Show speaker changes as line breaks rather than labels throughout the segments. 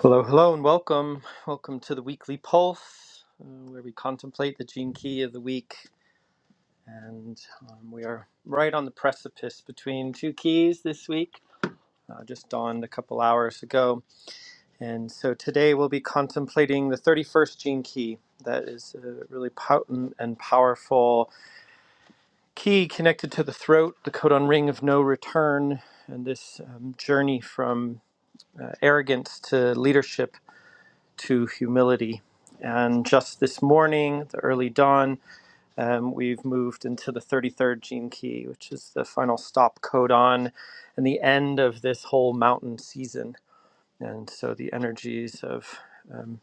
Hello, hello, and welcome. Welcome to the weekly pulse, uh, where we contemplate the gene key of the week. And um, we are right on the precipice between two keys this week, uh, just dawned a couple hours ago. And so today we'll be contemplating the 31st gene key. That is a really potent and powerful key connected to the throat, the codon ring of no return, and this um, journey from uh, arrogance to leadership to humility. And just this morning, the early dawn, um, we've moved into the 33rd gene key, which is the final stop codon and the end of this whole mountain season. And so the energies of um,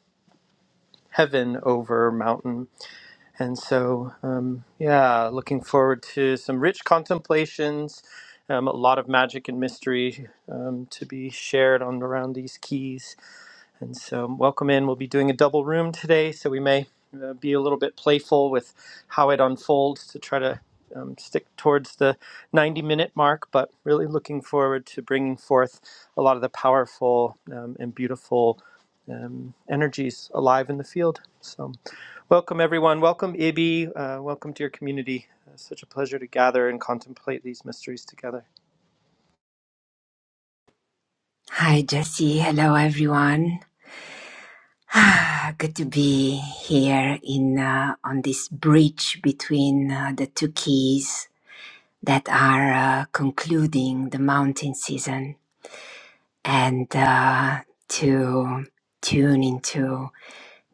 heaven over mountain. And so, um, yeah, looking forward to some rich contemplations, um, a lot of magic and mystery um, to be shared on around these keys and so, um, welcome in. We'll be doing a double room today, so we may uh, be a little bit playful with how it unfolds to try to um, stick towards the 90 minute mark, but really looking forward to bringing forth a lot of the powerful um, and beautiful um, energies alive in the field. So, welcome everyone. Welcome, Ibi. Uh, welcome to your community. Uh, such a pleasure to gather and contemplate these mysteries together.
Hi, Jesse. Hello, everyone. Ah, Good to be here in uh, on this bridge between uh, the two keys that are uh, concluding the mountain season, and uh, to tune into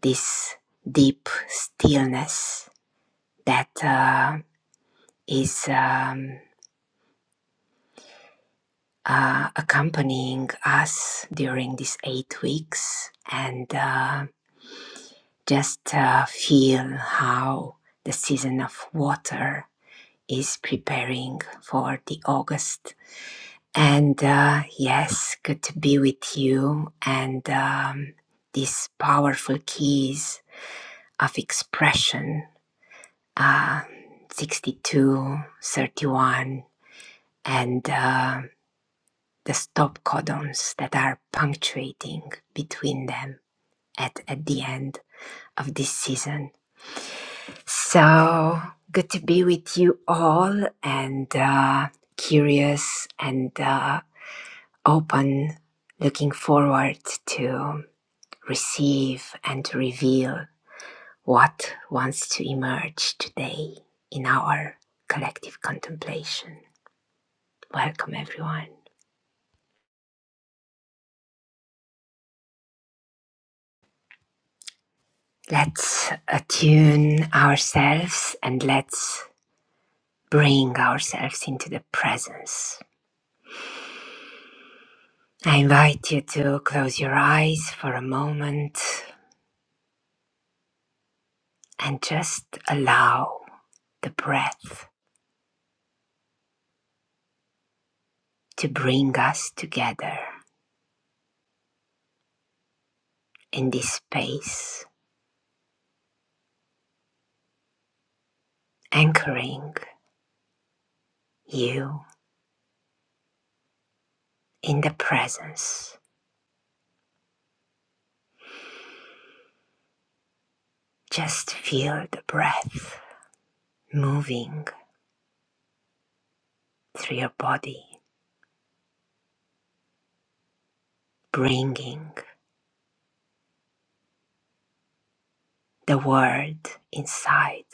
this deep stillness that uh, is um, uh, accompanying us during these eight weeks and. um Just uh, feel how the season of water is preparing for the August. And uh, yes, good to be with you and um, these powerful keys of expression uh, 62, thirty-one, and uh, the stop codons that are punctuating between them at, at the end of this season. So good to be with you all and uh, curious and uh, open, looking forward to receive and to reveal what wants to emerge today in our collective contemplation. Welcome, everyone. Let's attune ourselves and let's bring ourselves into the presence. I invite you to close your eyes for a moment and just allow the breath to bring us together in this space, anchoring you in the presence. Just feel the breath moving through your body, bringing the word inside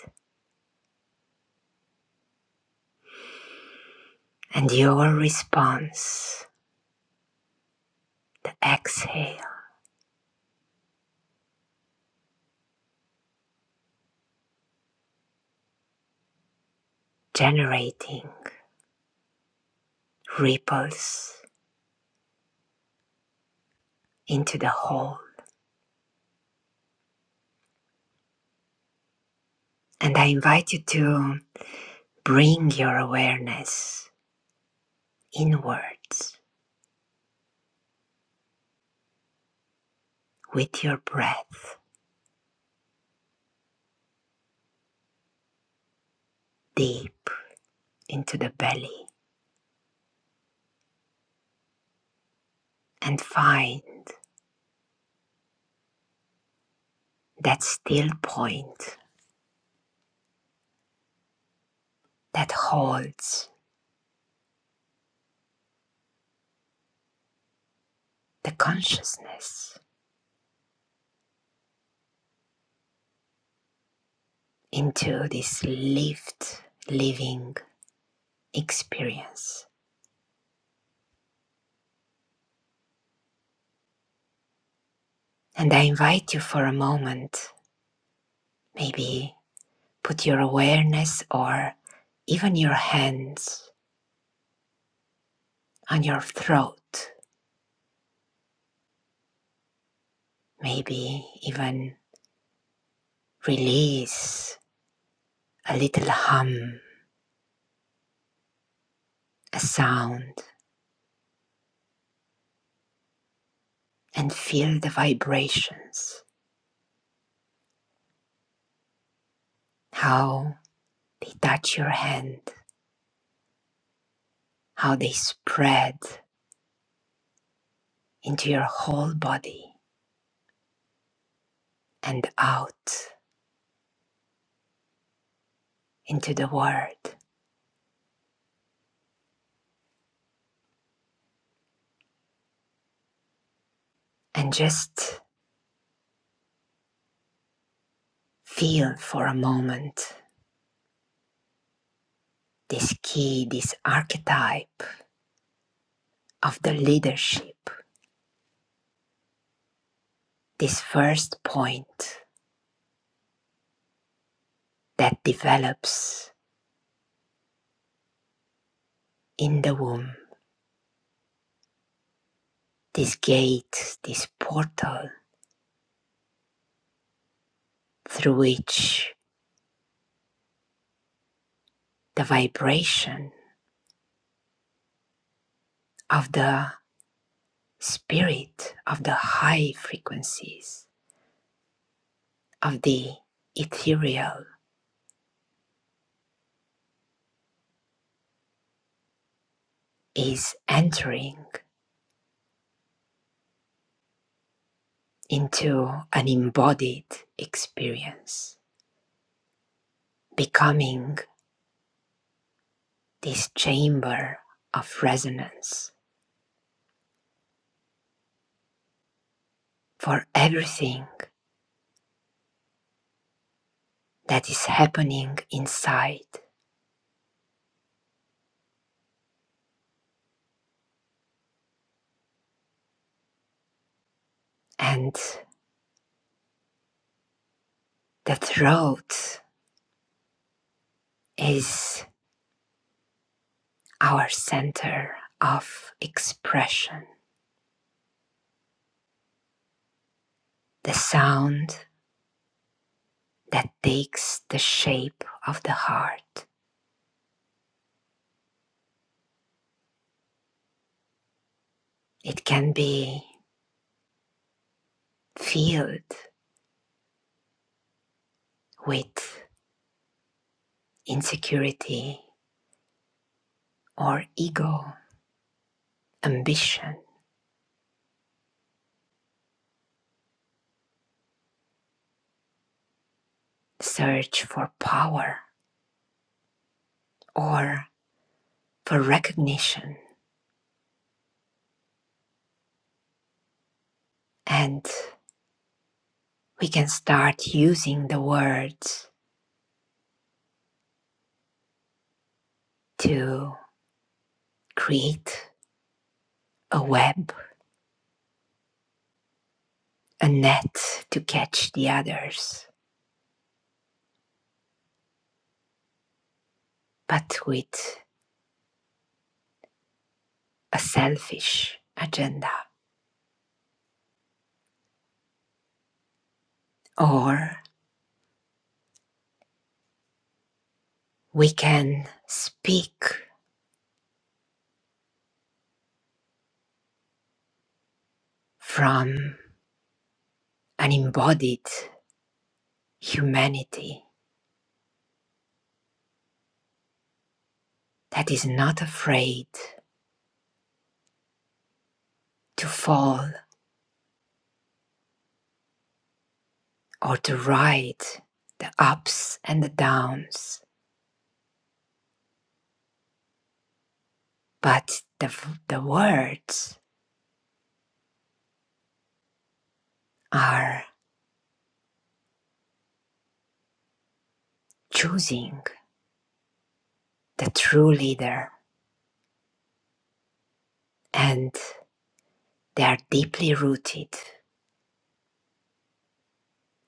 and your response, the exhale, generating ripples into the whole. And I invite you to bring your awareness inwards with your breath deep into the belly and find that still point that holds the consciousness into this lived living experience. And I invite you for a moment, maybe put your awareness or even your hands on your throat, maybe even release a little hum, a sound and feel the vibrations, how they touch your hand, how they spread into your whole body and out into the world. And just feel for a moment this key, this archetype of the leadership, this first point that develops in the womb, this gate, this portal through which the vibration of the Spirit of the high frequencies of the ethereal is entering into an embodied experience, becoming this chamber of resonance for everything that is happening inside. And the throat is our center of expression, the sound that takes the shape of the heart. It can be filled with insecurity or ego, ambition, search for power or for recognition. And we can start using the words to create a web, a net to catch the others, but with a selfish agenda. Or we can speak from an embodied humanity that is not afraid to fall or to ride the ups and the downs, but the, the words are choosing the true leader and they are deeply rooted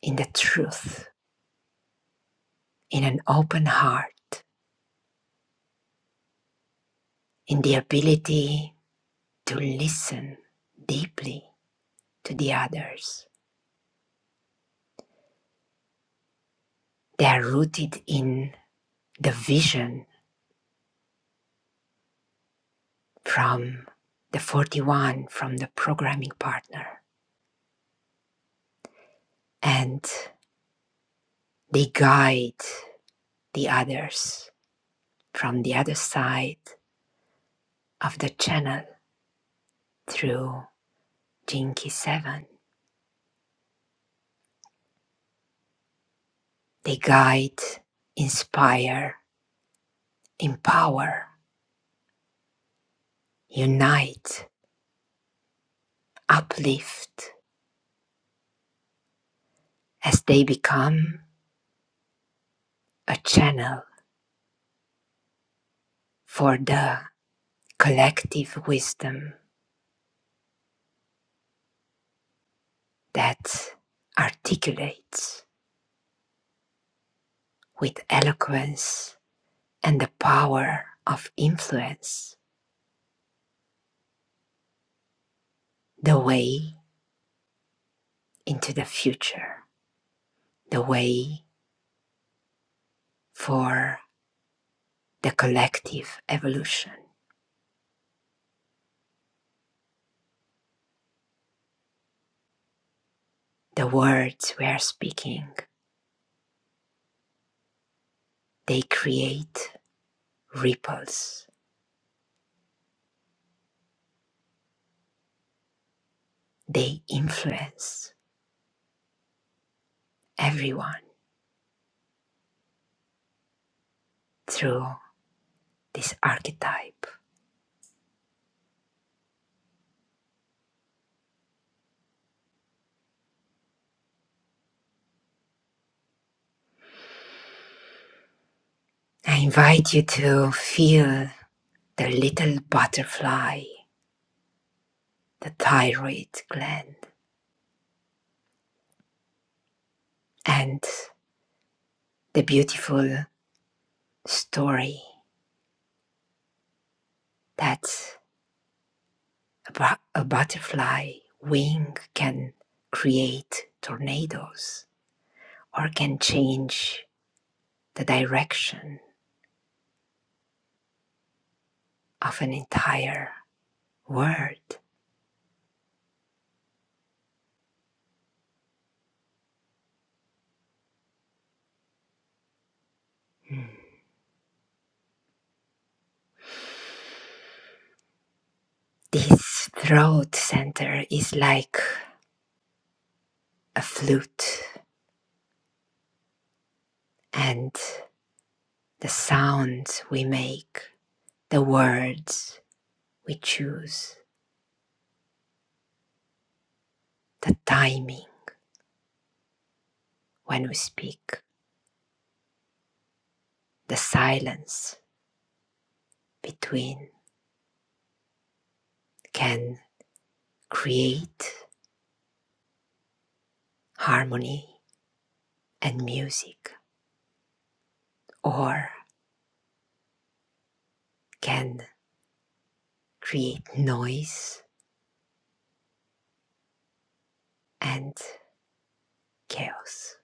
in the truth, in an open heart, in the ability to listen deeply to the others. They are rooted in the vision from the 41 from the programming partner and they guide the others from the other side of the channel through Jinky 7. They guide, inspire, empower, unite, uplift as they become a channel for the collective wisdom that articulates with eloquence and the power of influence, the way into the future, the way for the collective evolution. The words we are speaking, they create ripples, they influence everyone through this archetype. I invite you to feel the little butterfly, the thyroid gland, and the beautiful story that A, bu- a butterfly wing can create tornadoes or can change the direction of an entire world. Mm. This throat center is like a flute, and the sounds we make, the words we choose, the timing when we speak, the silence between can create harmony and music or can create noise and chaos.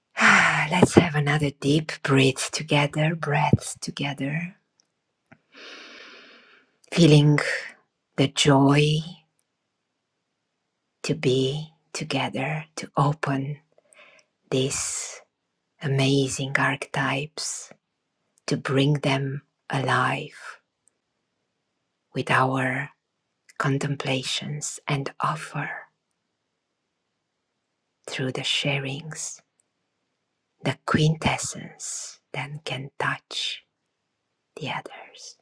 Let's have another deep breath together, breaths together, feeling the joy to be together, to open these amazing archetypes, to bring them alive with our contemplations and offer through the sharings The quintessence then can touch the others.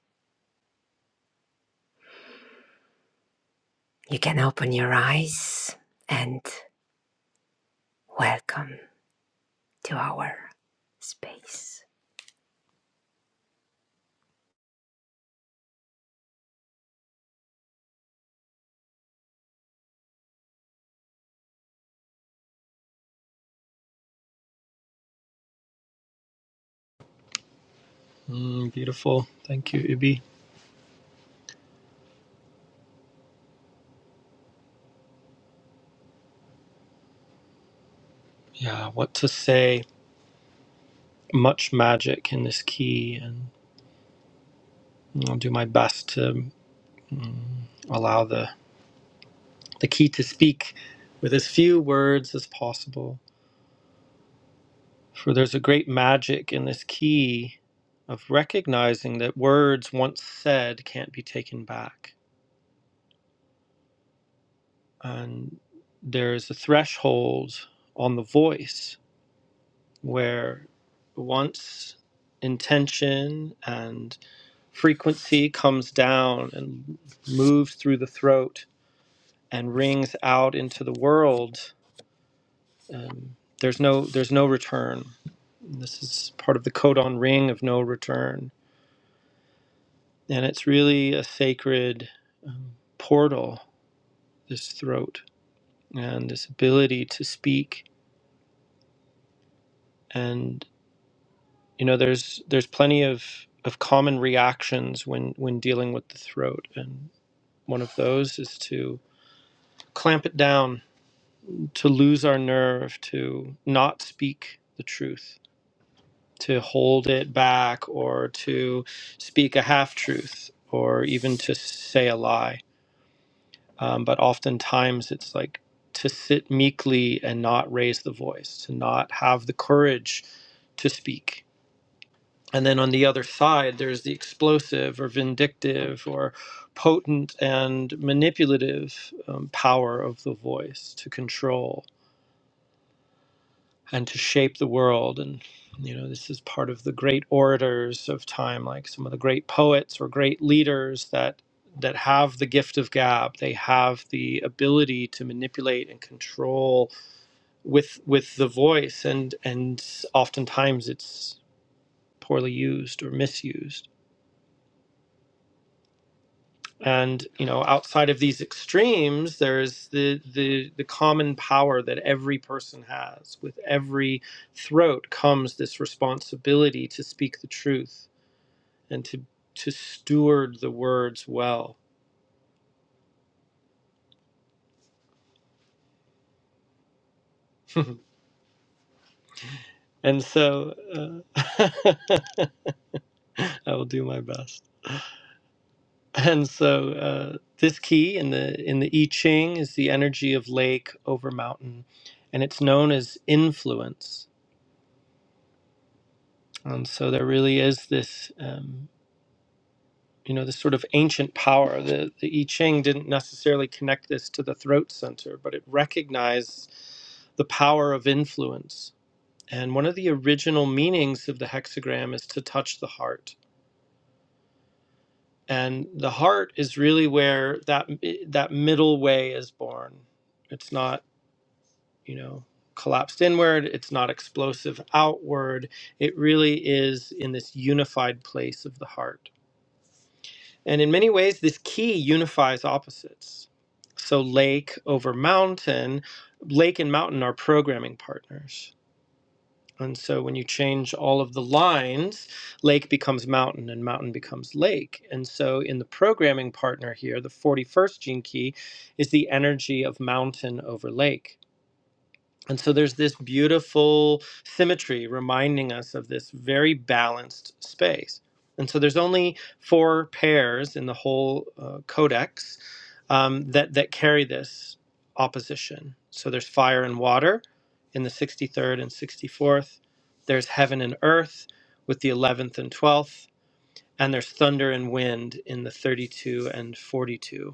You can open your eyes and welcome to our space.
Mm, beautiful. Thank you, Ibi. Yeah, what to say? much magic in this key, and I'll do my best to allow the, the key to speak with as few words as possible. For there's a great magic in this key of recognizing that words once said can't be taken back. And there is a threshold on the voice where once intention and frequency comes down and moves through the throat and rings out into the world, um, there's no there's no return. This is part of the codon ring of no return, and it's really a sacred um, portal. This throat and this ability to speak, and you know, there's there's plenty of of common reactions when when dealing with the throat, and one of those is to clamp it down, to lose our nerve, to not speak the truth to hold it back or to speak a half truth or even to say a lie. Um, but oftentimes it's like to sit meekly and not raise the voice, to not have the courage to speak. And then on the other side, there's the explosive or vindictive or potent and manipulative um, power of the voice to control and to shape the world. And, you know, this is part of the great orators of time, like some of the great poets or great leaders that that have the gift of gab they have the ability to manipulate and control with with the voice and and oftentimes it's poorly used or misused and you know outside of these extremes there's the the the common power that every person has with every throat comes this responsibility to speak the truth and to to steward the words well and so uh, i will do my best and so uh, this key in the in the i ching is the energy of lake over mountain and it's known as influence and so there really is this. um, you know, this sort of ancient power. The, the I Ching didn't necessarily connect this to the throat center, but it recognized the power of influence. And one of the original meanings of the hexagram is to touch the heart. And the heart is really where that eh, that middle way is born. It's not, you know, collapsed inward, it's not explosive outward. It really is in this unified place of the heart. And in many ways, this key unifies opposites. So, lake over mountain, lake and mountain are programming partners. And so, when you change all of the lines, lake becomes mountain and mountain becomes lake. And so, in the programming partner here, the 41st gene key is the energy of mountain over lake. And so there's this beautiful symmetry reminding us of this very balanced space. And so there's only four pairs in the whole uh, codex um, that, that carry this opposition. So there's fire and water in the 63rd and 64th, there's heaven and earth with the 11th and 12th, and there's thunder and wind in the 32 and 42.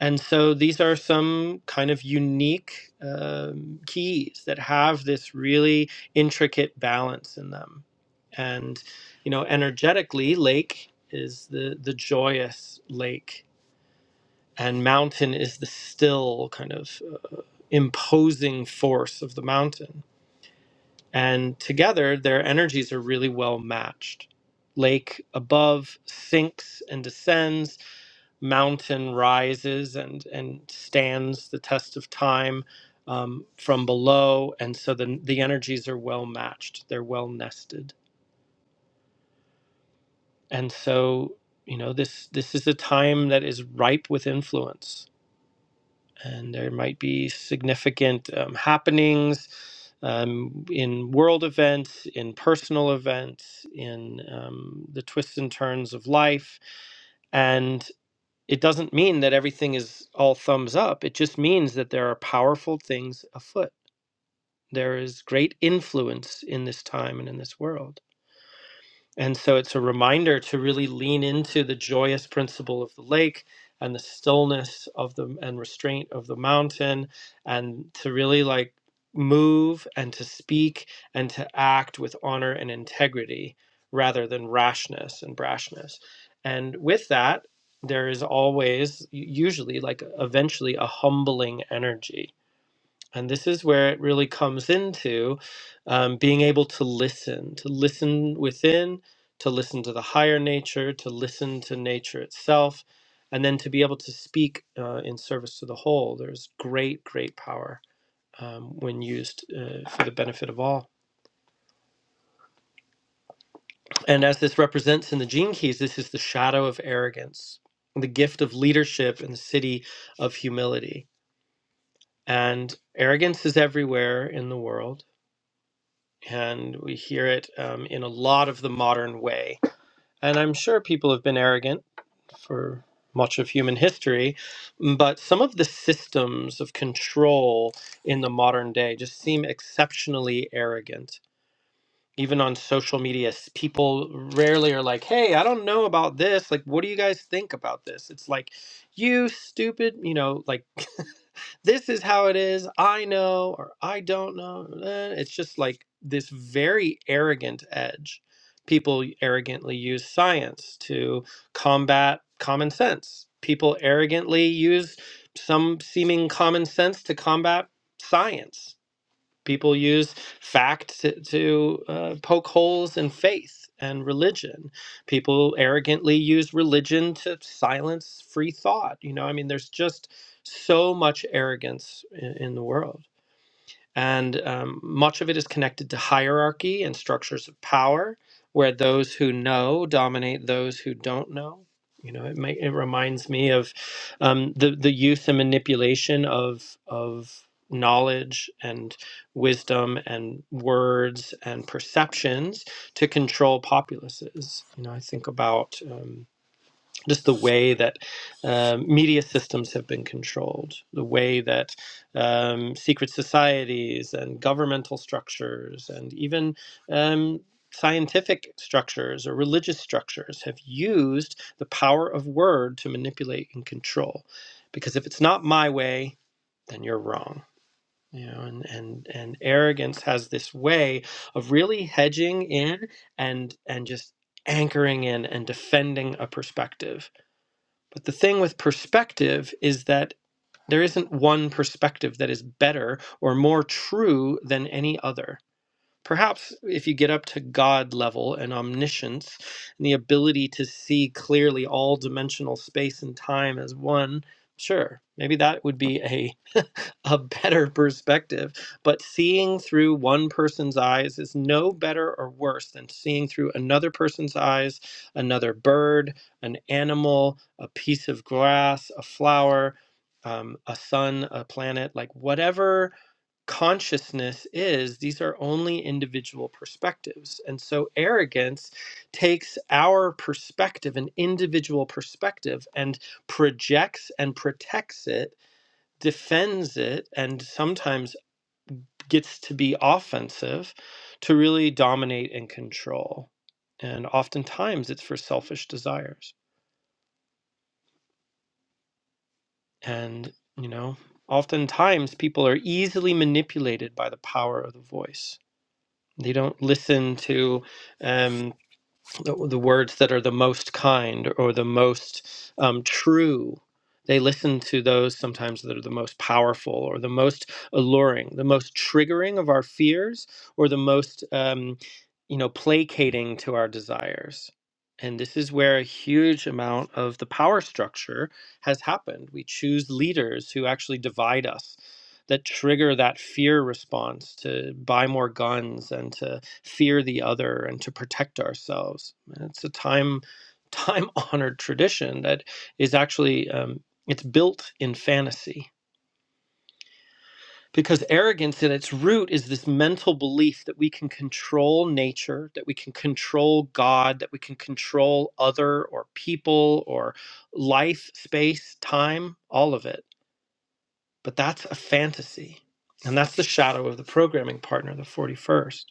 And so these are some kind of unique um, keys that have this really intricate balance in them. And, you know, energetically, lake is the, the joyous lake, and mountain is the still kind of uh, imposing force of the mountain. And together, their energies are really well matched. Lake above sinks and descends, mountain rises and and stands the test of time um, from below, and so the the energies are well matched. They're well nested, and so you know this this is a time that is ripe with influence, and there might be significant um, happenings. Um, in world events, in personal events, in um, the twists and turns of life, and. it doesn't mean that everything is all thumbs up. It just means that there are powerful things afoot. There is great influence in this time and in this world. And so it's a reminder to really lean into the joyous principle of the lake and the stillness of the and restraint of the mountain and to really like move and to speak and to act with honor and integrity rather than rashness and brashness. And with that, there is always usually like eventually a humbling energy and this is where it really comes into um, being able to listen, to listen within, to listen to the higher nature, to listen to nature itself, and then to be able to speak uh, in service to the whole. There's great, great power um, when used uh, for the benefit of all. And as this represents in the gene keys, this is the shadow of arrogance, the gift of leadership in the city of humility. And arrogance is everywhere in the world and we hear it um, in a lot of the modern way. And I'm sure people have been arrogant for much of human history, but some of the systems of control in the modern day just seem exceptionally arrogant. Even on social media, s- people rarely are like, hey, I don't know about this. Like, what do you guys think about this? It's like, you stupid, you know, like this is how it is. I know, or I don't know. eh, It's just like this very arrogant edge. People arrogantly use science to combat common sense. People arrogantly use some seeming common sense to combat science. People use fact to, to uh, poke holes in faith and religion. People arrogantly use religion to silence free thought. You know, I mean, there's just so much arrogance in, in the world. And um, much of it is connected to hierarchy and structures of power, where those who know dominate those who don't know. You know, it, may, it reminds me of um, the the use and manipulation of of knowledge and wisdom and words and perceptions to control populaces. You know, I think about. Um, just the way that um, media systems have been controlled, the way that um, secret societies and governmental structures and even um, scientific structures or religious structures have used the power of word to manipulate and control. Because if it's not my way, then you're wrong. You know, and, and and arrogance has this way of really hedging in and and just anchoring in and defending a perspective but the thing with perspective is that there isn't one perspective that is better or more true than any other. Perhaps if you get up to God level and omniscience and the ability to see clearly all dimensional space and time as one, sure, maybe that would be a a better perspective. But seeing through one person's eyes is no better or worse than seeing through another person's eyes, another bird, an animal, a piece of grass, a flower, um, a sun, a planet, like whatever consciousness is, these are only individual perspectives. And so arrogance takes our perspective, an individual perspective, and projects and protects it defends it and sometimes gets to be offensive to really dominate and control. And oftentimes it's for selfish desires. And, you know, oftentimes people are easily manipulated by the power of the voice. They don't listen to um, the, the words that are the most kind or the most um, true. They listen to those sometimes that are the most powerful or the most alluring, the most triggering of our fears, or the most, um, you know, placating to our desires. And this is where a huge amount of the power structure has happened. We choose leaders who actually divide us, that trigger that fear response to buy more guns and to fear the other and to protect ourselves. And it's a time time honored tradition that is actually um, it's built in fantasy because arrogance at its root is this mental belief that we can control nature that we can control god that we can control other or people or life space time all of it but that's a fantasy and that's the shadow of the programming partner the 41st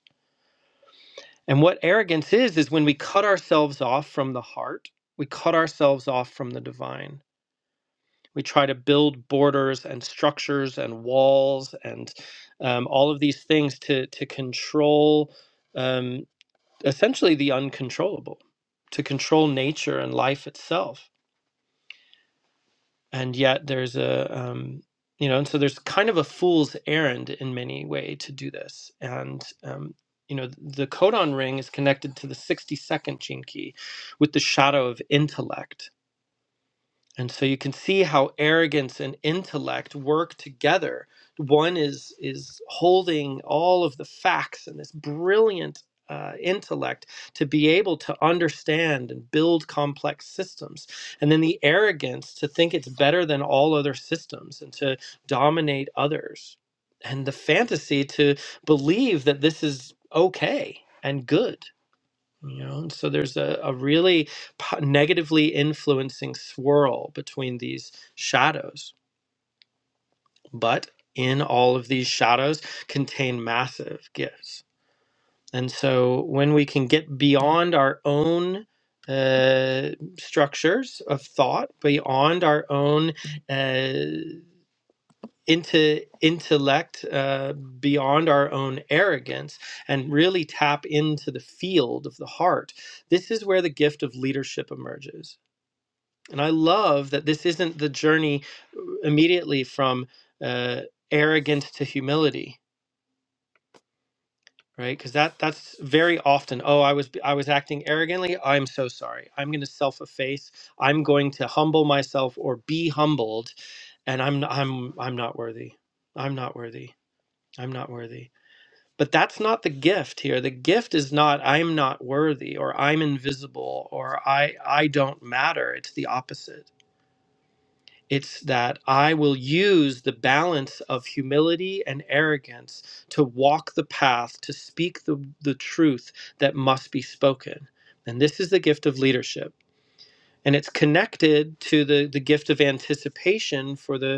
And what arrogance is, is when we cut ourselves off from the heart, we cut ourselves off from the divine. We try to build borders and structures and walls and um, all of these things to, to control um, essentially the uncontrollable, to control nature and life itself. and yet there's a um, you know and so there's kind of a fool's errand in many way to do this and um, you know the codon ring is connected to the 62nd gene key with the shadow of intellect and so you can see how arrogance and intellect work together. One is is holding all of the facts and this brilliant uh, intellect to be able to understand and build complex systems, and then the arrogance to think it's better than all other systems and to dominate others, and the fantasy to believe that this is okay and good you know and so there's a, a really po- negatively influencing swirl between these shadows but in all of these shadows contain massive gifts and so when we can get beyond our own uh, structures of thought beyond our own uh, into intellect uh, beyond our own arrogance and really tap into the field of the heart. This is where the gift of leadership emerges. And I love that this isn't the journey uh, immediately from uh, arrogance to humility, right? Because that that's very often. Oh, I was I was acting arrogantly. I'm so sorry. I'm going to self efface. I'm going to humble myself or be humbled. And I'm I'm I'm not worthy. I'm not worthy. I'm not worthy. But that's not the gift here. The gift is not I'm not worthy or I'm invisible or I I don't matter. It's the opposite. It's that I will use the balance of humility and arrogance to walk the path, to speak the, the truth that must be spoken. And this is the gift of leadership. And it's connected to the, the gift of anticipation for the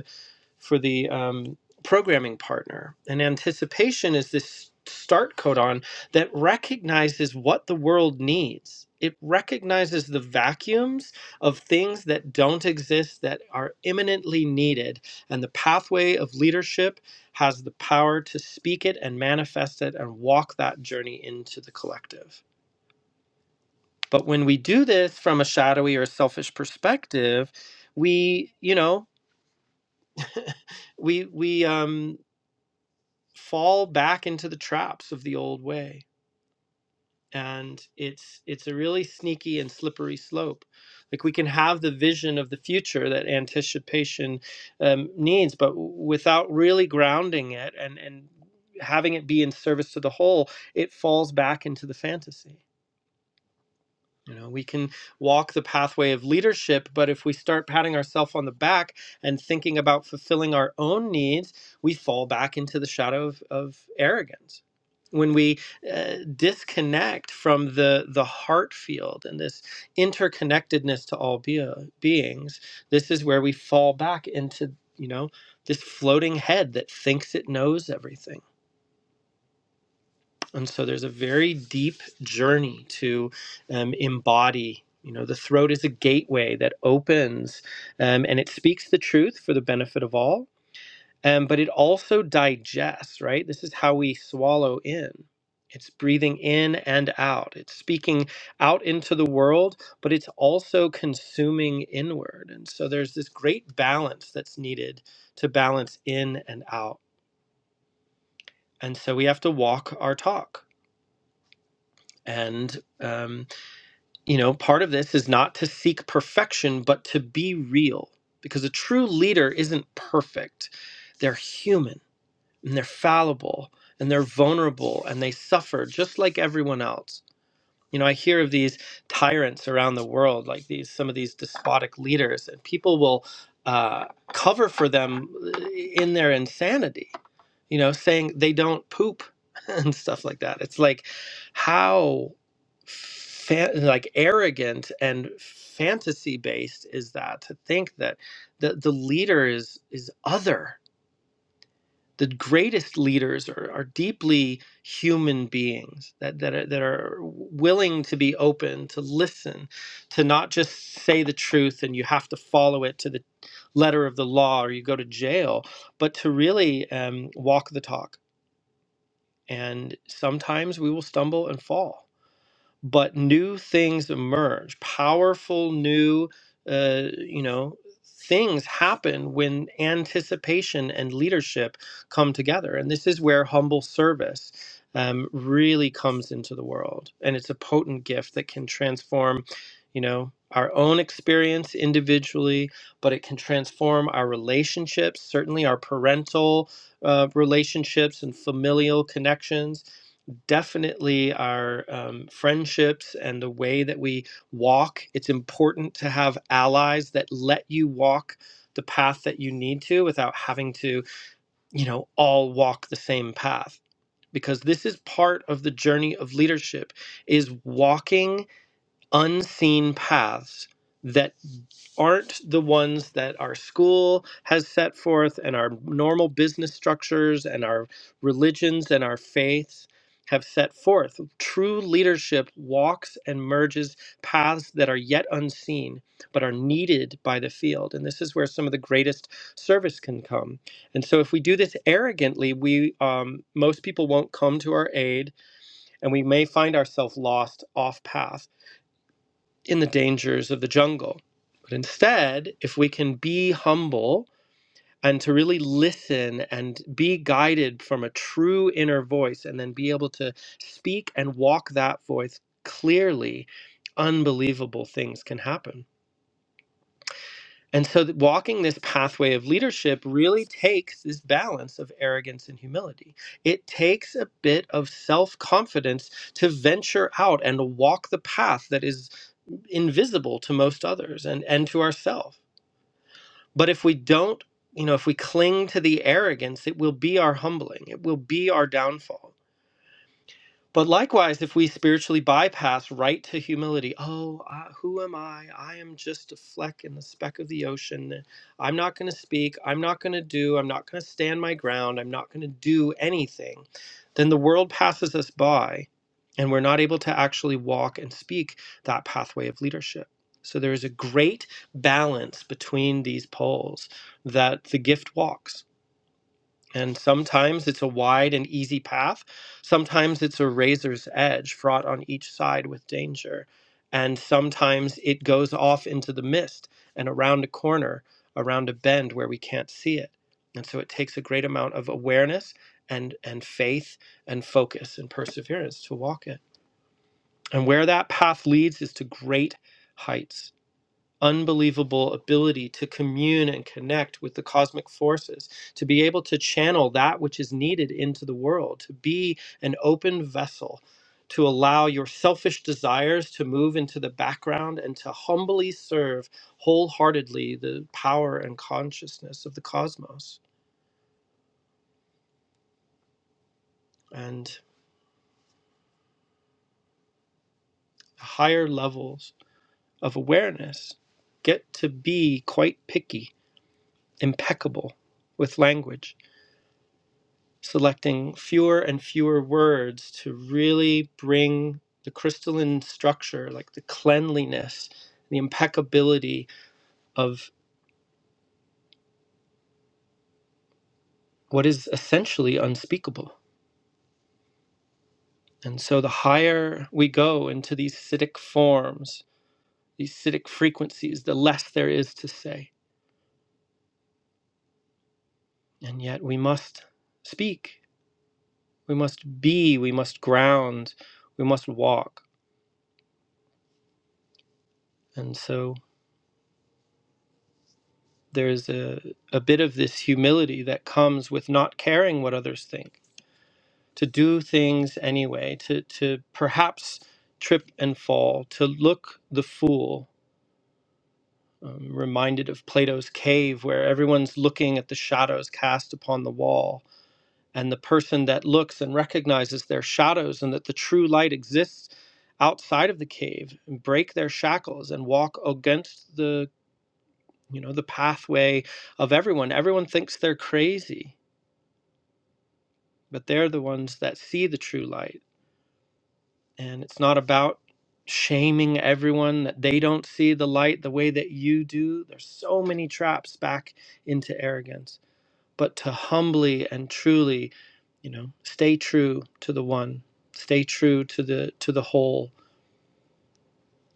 for the um, programming partner. And anticipation is this start codon that recognizes what the world needs. It recognizes the vacuums of things that don't exist that are imminently needed. And the pathway of leadership has the power to speak it and manifest it and walk that journey into the collective. But when we do this from a shadowy or selfish perspective, we, you know, we we um fall back into the traps of the old way and it's it's a really sneaky and slippery slope like we can have the vision of the future that anticipation um, needs but without really grounding it and and having it be in service to the whole it falls back into the fantasy you know, we can walk the pathway of leadership, but if we start patting ourselves on the back and thinking about fulfilling our own needs, we fall back into the shadow of, of arrogance. When we uh, disconnect from the, the heart field and this interconnectedness to all be- uh, beings, this is where we fall back into, you know, this floating head that thinks it knows everything and so there's a very deep journey to um, embody. You know, the throat is a gateway that opens um, and it speaks the truth for the benefit of all, um, but it also digests, right? This is how we swallow in. It's breathing in and out, it's speaking out into the world, but it's also consuming inward. And so there's this great balance that's needed to balance in and out. And so we have to walk our talk. And, um, You know, part of this is not to seek perfection, but to be real. Because a true leader isn't perfect. They're human and they're fallible and they're vulnerable and they suffer just like everyone else. You know, I hear of these tyrants around the world, like these some of these despotic leaders, and people will uh, cover for them eh, in their insanity. You know, saying they don't poop and stuff like that. It's like how fa- like arrogant and fantasy based is that to think that the the leader is is other the greatest leaders are, are deeply human beings that, that, are, that are willing to be open, to listen, to not just say the truth and you have to follow it to the letter of the law or you go to jail, but to really um, walk the talk. And sometimes we will stumble and fall but new things emerge powerful new uh, you know things happen when anticipation and leadership come together and this is where humble service um, really comes into the world and it's a potent gift that can transform you know our own experience individually but it can transform our relationships certainly our parental uh, relationships and familial connections definitely our um, friendships and the way that we walk. It's important to have allies that let you walk the path that you need to without having to, you know, all walk the same path because this is part of the journey of leadership is walking unseen paths that aren't the ones that our school has set forth and our normal business structures and our religions and our faiths have set forth. True leadership walks and merges paths that are yet unseen but are needed by the field. And this is where some of the greatest service can come. And so if we do this arrogantly, we um, most people won't come to our aid and we may find ourselves lost off path in the dangers of the jungle. But instead, if we can be humble and to really listen and be guided from a true inner voice and then be able to speak and walk that voice clearly, unbelievable things can happen. And so, th- walking this pathway of leadership really takes this balance of arrogance and humility. It takes a bit of self confidence to venture out and walk the path that is invisible to most others and, and to ourselves. But if we don't, you know, if we cling to the arrogance, it will be our humbling, it will be our downfall but likewise, if we spiritually bypass right to humility, oh, I, who am I? I am just a fleck in the speck of the ocean. I'm not going to speak. I'm not going to do. I'm not going to stand my ground. I'm not going to do anything. Then the world passes us by, and we're not able to actually walk and speak that pathway of leadership. So there is a great balance between these poles that the gift walks. And sometimes it's a wide and easy path. Sometimes it's a razor's edge, fraught on each side with danger. And sometimes it goes off into the mist and around a corner, around a bend where we can't see it. And so it takes a great amount of awareness and, and faith and focus and perseverance to walk it. And where that path leads is to great heights unbelievable ability to commune and connect with the cosmic forces, to be able to channel that which is needed into the world, to be an open vessel, to allow your selfish desires to move into the background and to humbly serve wholeheartedly the power and consciousness of the cosmos and higher levels of awareness. Get to be quite picky, impeccable with language selecting fewer and fewer words to really bring the crystalline structure, like the cleanliness, the impeccability of what is essentially unspeakable. And so the higher we go into these acidic forms, these acidic frequencies, the less there is to say. And yet we must speak, we must be, we must ground, we must walk. And so there's a, a bit of this humility that comes with not caring what others think, to do things anyway, to, to perhaps trip and fall, to look the fool. Um, reminded of Plato's cave, where everyone's looking at the shadows cast upon the wall. And the person that looks and recognizes their shadows and that the true light exists outside of the cave break their shackles and walk against the you know the pathway of everyone everyone thinks they're crazy but they're the ones that see the true light. And it's not about shaming everyone that they don't see the light the way that you do. There's so many traps back into arrogance, but to humbly and truly, you know, stay true to the one, stay true to the to the whole.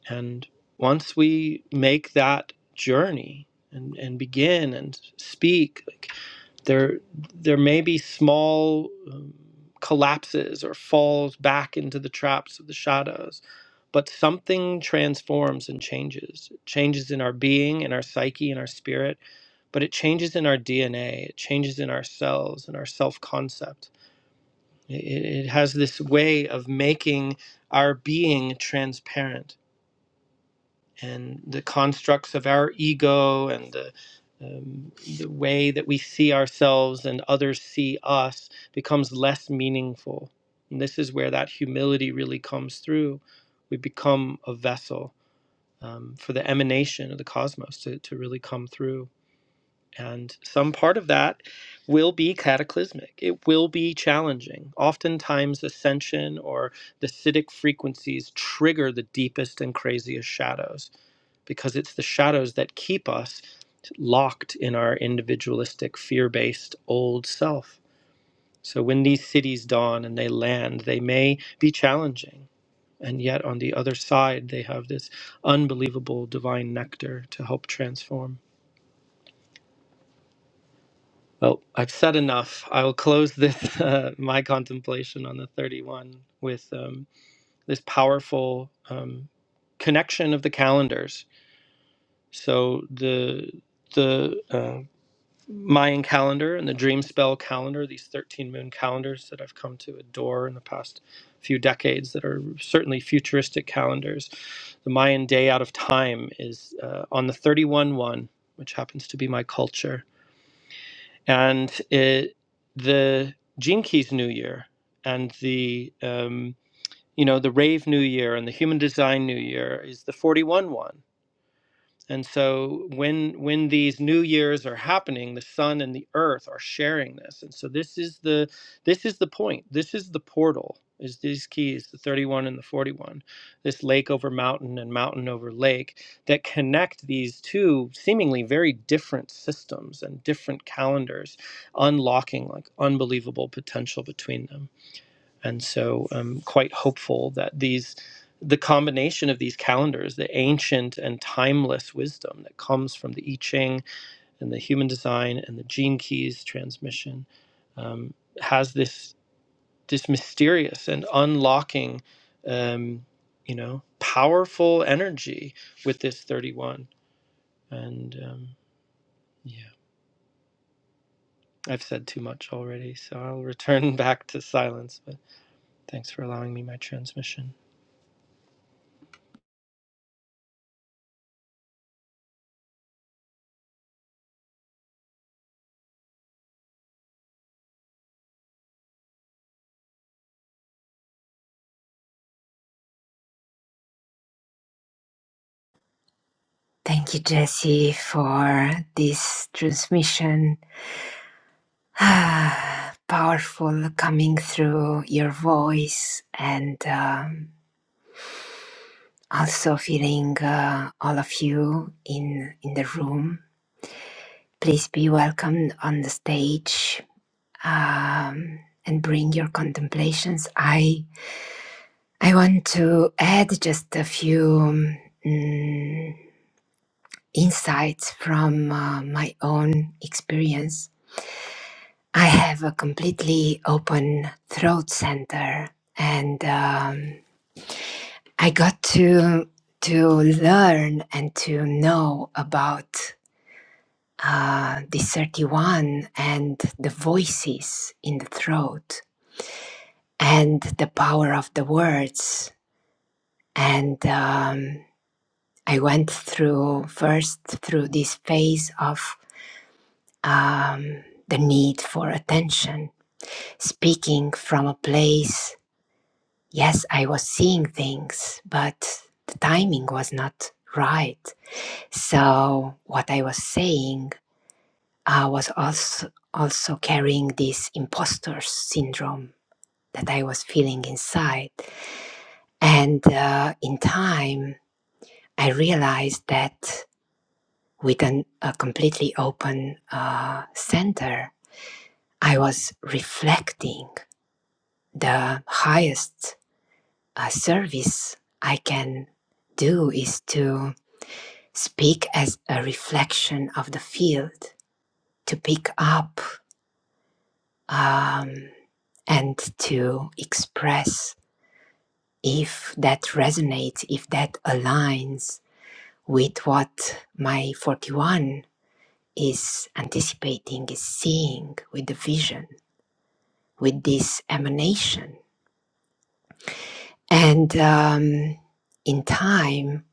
And once we make that journey and, and begin and speak. like, there there may be small um, collapses or falls back into the traps of the shadows but something transforms and changes it changes in our being in our psyche in our spirit but it changes in our dna it changes in our cells and our self-concept it it has this way of making our being transparent and the constructs of our ego and the um, the way that we see ourselves and others see us becomes less meaningful. And this is where that humility really comes through. We become a vessel um, for the emanation of the cosmos to, to really come through. And some part of that will be cataclysmic. It will be challenging. Oftentimes, ascension or the acidic frequencies trigger the deepest and craziest shadows because it's the shadows that keep us locked in our individualistic, fear based old self. So when these cities dawn and they land, they may be challenging. And yet on the other side, they have this unbelievable divine nectar to help transform. Well, I've said enough. I will close this, uh, my contemplation on the 31, with um, this powerful um, connection of the calendars. So the the uh, Mayan calendar and the dream spell calendar, these 13 moon calendars that I've come to adore in the past few decades that are certainly futuristic calendars. The Mayan day out of time is uh, on the 31 1, which happens to be my culture. And it, the Jinkies New Year and the, um, you know, the Rave New Year and the Human Design New Year is the 41 1. And so when when these new years are happening, the sun and the earth are sharing this. And so this is the this is the point. This is the portal. Is these keys, the 31 and the 41, this lake over mountain and mountain over lake that connect these two seemingly very different systems and different calendars, unlocking like unbelievable potential between them and so I'm quite hopeful that these the combination of these calendars, the ancient and timeless wisdom that comes from the I Ching and the human design and the gene keys transmission, um, has this this mysterious and unlocking, um, you know, powerful energy with this 31. And um, yeah, I've said too much already, so I'll return back to silence. But thanks for allowing me my transmission.
Thank you, Jesse, for this transmission. Ah, Powerful coming through your voice and um, also feeling uh, all of you in, in the room. Please be welcomed on the stage um, and bring your contemplations. I I want to add just a few mm, insights from uh, my own experience. I have a completely open throat center, and um, I got to to learn and to know about uh, the 31 and the voices in the throat and the power of the words and um, I went through first through this phase of um, the need for attention, speaking from a place. Yes, I was seeing things, but the timing was not right. So what I was saying uh, was also also carrying this imposter syndrome that I was feeling inside, and uh, in time I realized that. with an, a completely open uh, center, I was reflecting the highest uh, service I can do is to speak as a reflection of the field, to pick up um, and to express if that resonates, if that aligns with what my 41 is anticipating, is seeing with the vision with this emanation. And um, in time,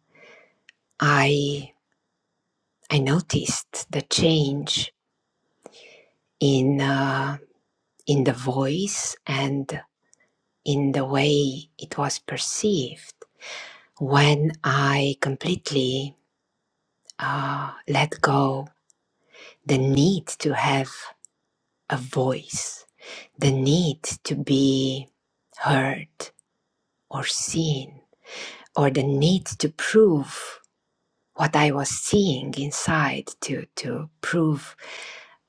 I I noticed the change in uh, in the voice and in the way it was perceived when I completely uh, let go the need to have a voice, the need to be heard or seen, or the need to prove what I was seeing inside to to prove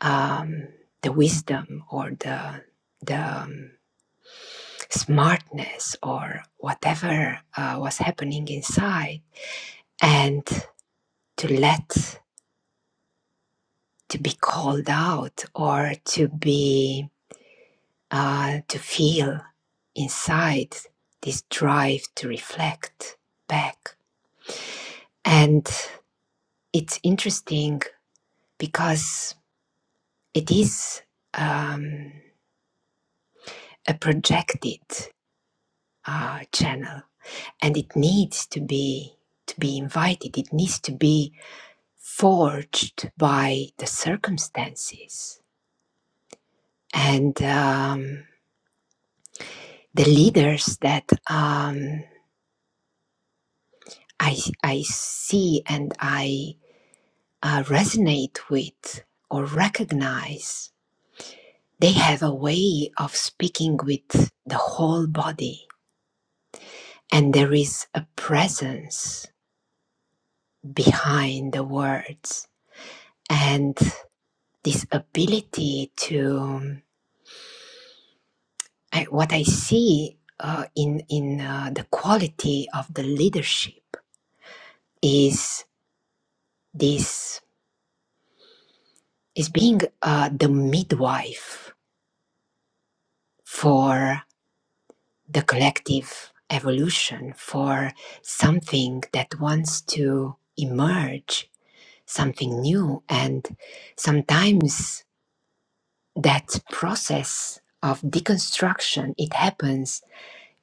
um, the wisdom or the the um, smartness or whatever uh, was happening inside, and to let to be called out or to be uh, to feel inside this drive to reflect back, and it's interesting because it is. Um, a projected uh, channel and it needs to be to be invited it needs to be forged by the circumstances and um, the leaders that um, I, I see and I uh, resonate with or recognize they have a way of speaking with the whole body and there is a presence behind the words and this ability to um, I, what I see uh, in in uh, the quality of the leadership is this is being uh, the midwife for the collective evolution for something that wants to emerge something new and sometimes that process of deconstruction it happens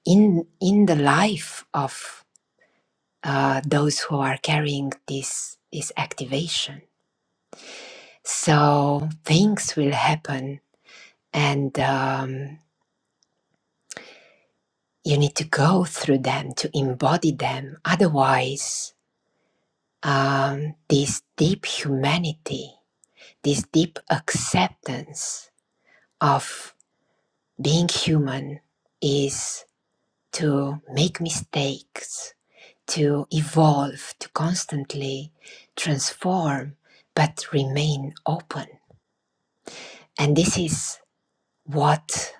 in in the life of uh, those who are carrying this this activation. So things will happen, and um, you need to go through them to embody them. Otherwise, um, this deep humanity, this deep acceptance of being human, is to make mistakes to evolve, to constantly transform, but remain open. And this is what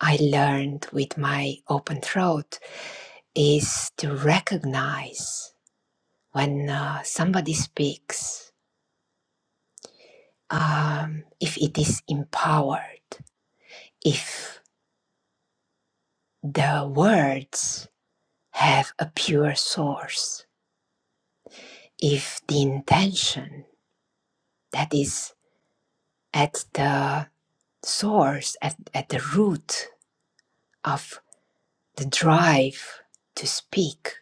I learned with my open throat is to recognize when uh, somebody speaks, um, if it is empowered, if the words have a pure source, if the intention that is at the source, at, at the root of the drive to speak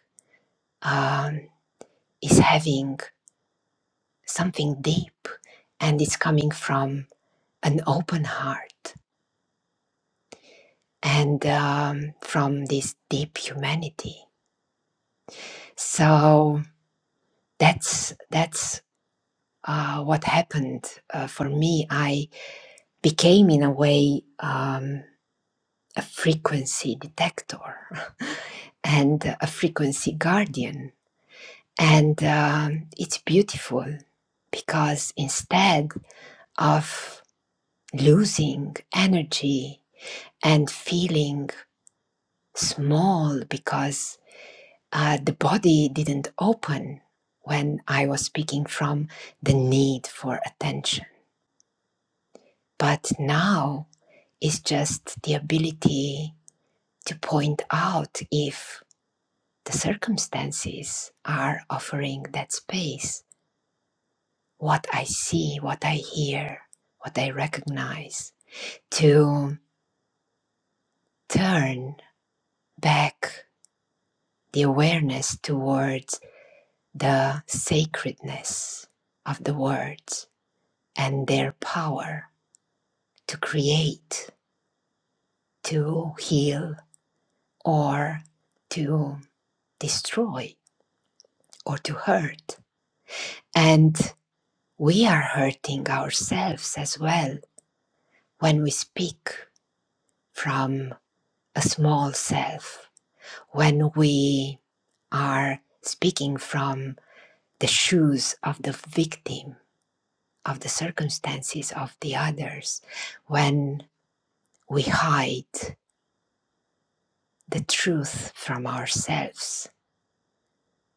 um, is having something deep and it's coming from an open heart and um, from this deep humanity so that's that's uh, what happened uh, for me i became in a way um, a frequency detector and a frequency guardian and um, it's beautiful because instead of losing energy and feeling small because uh, the body didn't open when I was speaking from the need for attention. But now it's just the ability to point out if the circumstances are offering that space, what I see, what I hear, what I recognize, to turn back the awareness towards the sacredness of the words and their power to create, to heal, or to destroy, or to hurt. And we are hurting ourselves as well when we speak from a small self, when we are speaking from the shoes of the victim of the circumstances of the others when we hide the truth from ourselves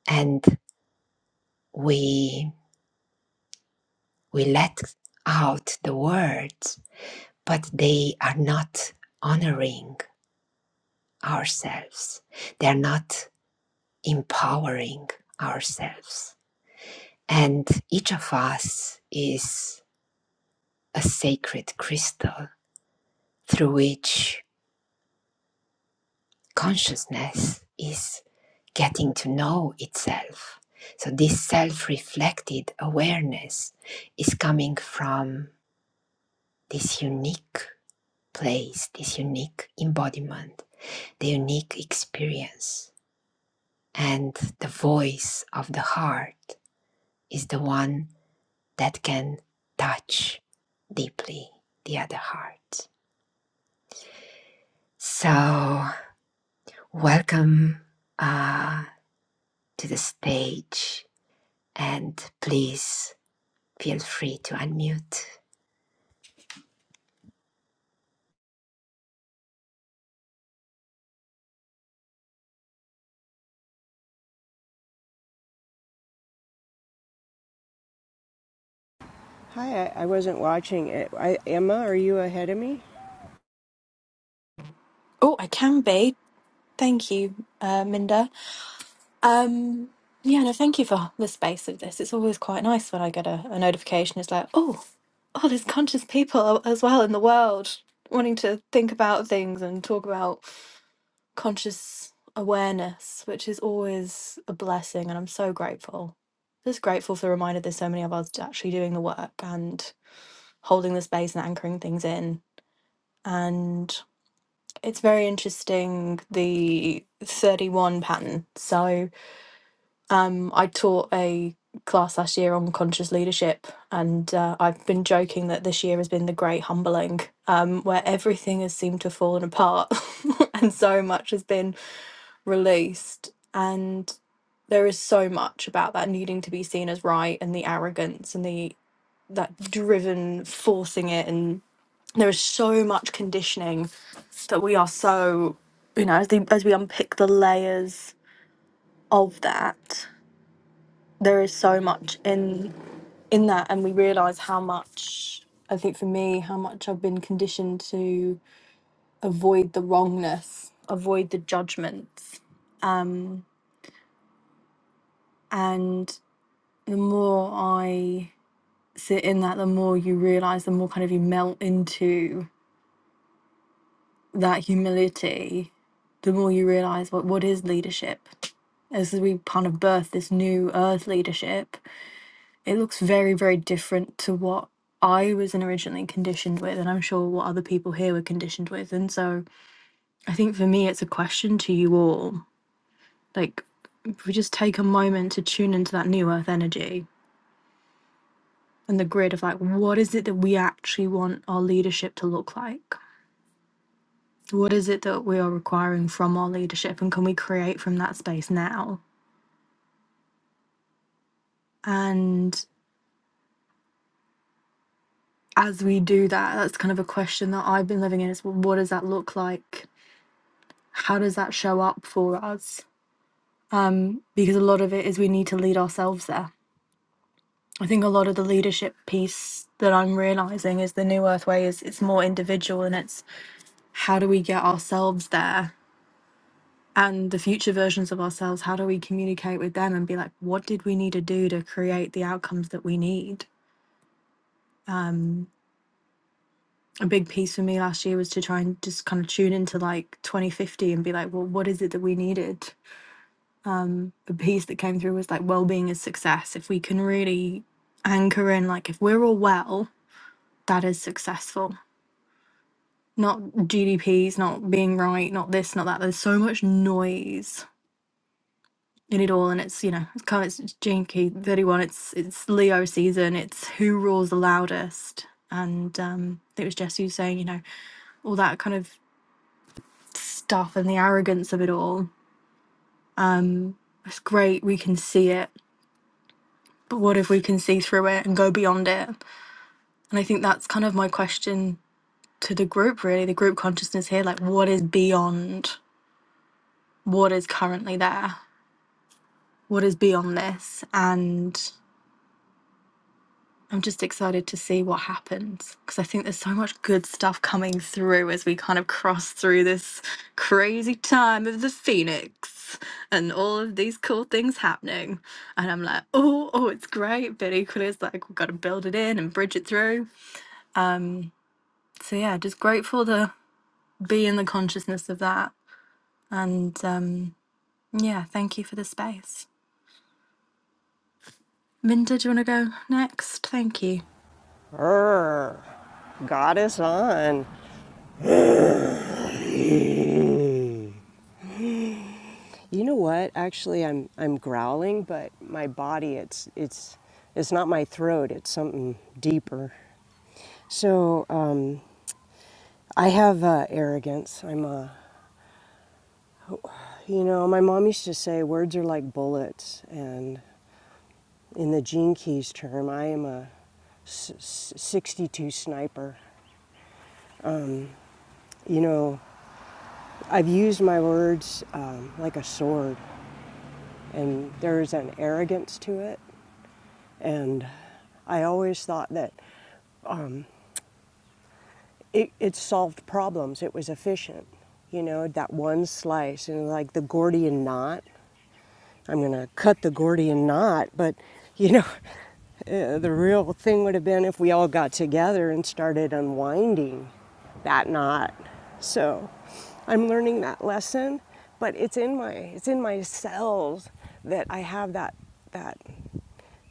and we we let out the words but they are not honoring ourselves they are not empowering ourselves and each of us is a sacred crystal through which consciousness is getting to know itself. So, this self reflected awareness is coming from this unique place, this unique embodiment, the unique experience. And the voice of the heart is the one that can touch deeply the other heart. So, welcome uh, to the stage, and please feel free to unmute
Hi, I, I wasn't watching it. I, Emma, are you ahead of me?
Oh, I can be. Thank you, uh, Minda. Um, yeah, no, thank you for the space of this. It's always quite nice when I get a, a notification. It's like, oh, oh, there's conscious people as well in the world wanting to think about things and talk about conscious awareness, which is always a blessing, and I'm so grateful. Just grateful for the reminder there's so many of us actually doing the work and holding the space and anchoring things in. It's very interesting, the 31 pattern. So, um, I taught a class last year on conscious leadership, and uh, I've been joking that this year has been the great humbling, um, where everything has seemed to have fallen apart and so much has been released. And there is so much about that needing to be seen as right and the arrogance and the that driven forcing it and. There is so much conditioning that we are so, you know, as, the, as we unpick the layers of that, there is so much in in that, and we realize how much. I think for me, how much I've been conditioned to avoid the wrongness, avoid the judgments, um, and the more I sit in that, the more you realize, the more kind of you melt into that humility, the more you realize what what is leadership as we kind of birth this new earth leadership, it looks very, very different to what I was originally conditioned with, and I'm sure what other people here were conditioned with. And so I think for me, it's a question to you all. Like, if we just take a moment to tune into that new earth energy and the grid of like, what is it that we actually want our leadership to look like? What is it that we are requiring from our leadership, and can we create from that space now? And as we do that, that's kind of a question that I've been living in is well, what does that look like? How does that show up for us? Um, because a lot of it is we need to lead ourselves there. I think a lot of the leadership piece that I'm realizing is the New Earth Way is it's more individual and it's how do we get ourselves there? And the future versions of ourselves, how do we communicate with them and be like, what did we need to do to create the outcomes that we need? Um, a big piece for me last year was to try and just kind of tune into like 2050 and be like, well, what is it that we needed? The piece that came through was like well-being is success. If we can really anchor in, like, if we're all well, that is successful. Not GDPs, not being right, not this, not that. There's so much noise in it all, and it's you know, it's kind of it's it's janky 31. It's it's Leo season. It's who roars the loudest, and um, I think it was Jess who was saying, you know, all that kind of stuff and the arrogance of it all Um, it's great, we can see it, but what if we can see through it and go beyond it? And I think that's kind of my question to the group, really, the group consciousness here like, what is beyond what is currently there? What is beyond this? And. I'm just excited to see what happens because I think there's so much good stuff coming through as we kind of cross through this crazy time of the Phoenix and all of these cool things happening. And I'm like, oh, oh, it's great. But equally, it's like we've got to build it in and bridge it through. So, yeah, just grateful to be in the consciousness of that. And um, yeah, thank you for the space. Minda, do you want to go next? Thank you.
Err, got us on. You know what? Actually, I'm I'm growling, but my body it's it's it's not my throat. It's something deeper. So um, I have uh, arrogance. I'm a you know my mom used to say words are like bullets, and in the Gene Keys term, I am a s- s- 62 sniper. You know, I've used my words um, like a sword, and there's an arrogance to it. And I always thought that it, it solved problems, it was efficient. You know, that one slice and like the Gordian knot I'm going to cut the Gordian knot, but you know, uh, the real thing would have been if we all got together and started unwinding that knot. So I'm learning that lesson, but it's in my it's in my cells that I have that that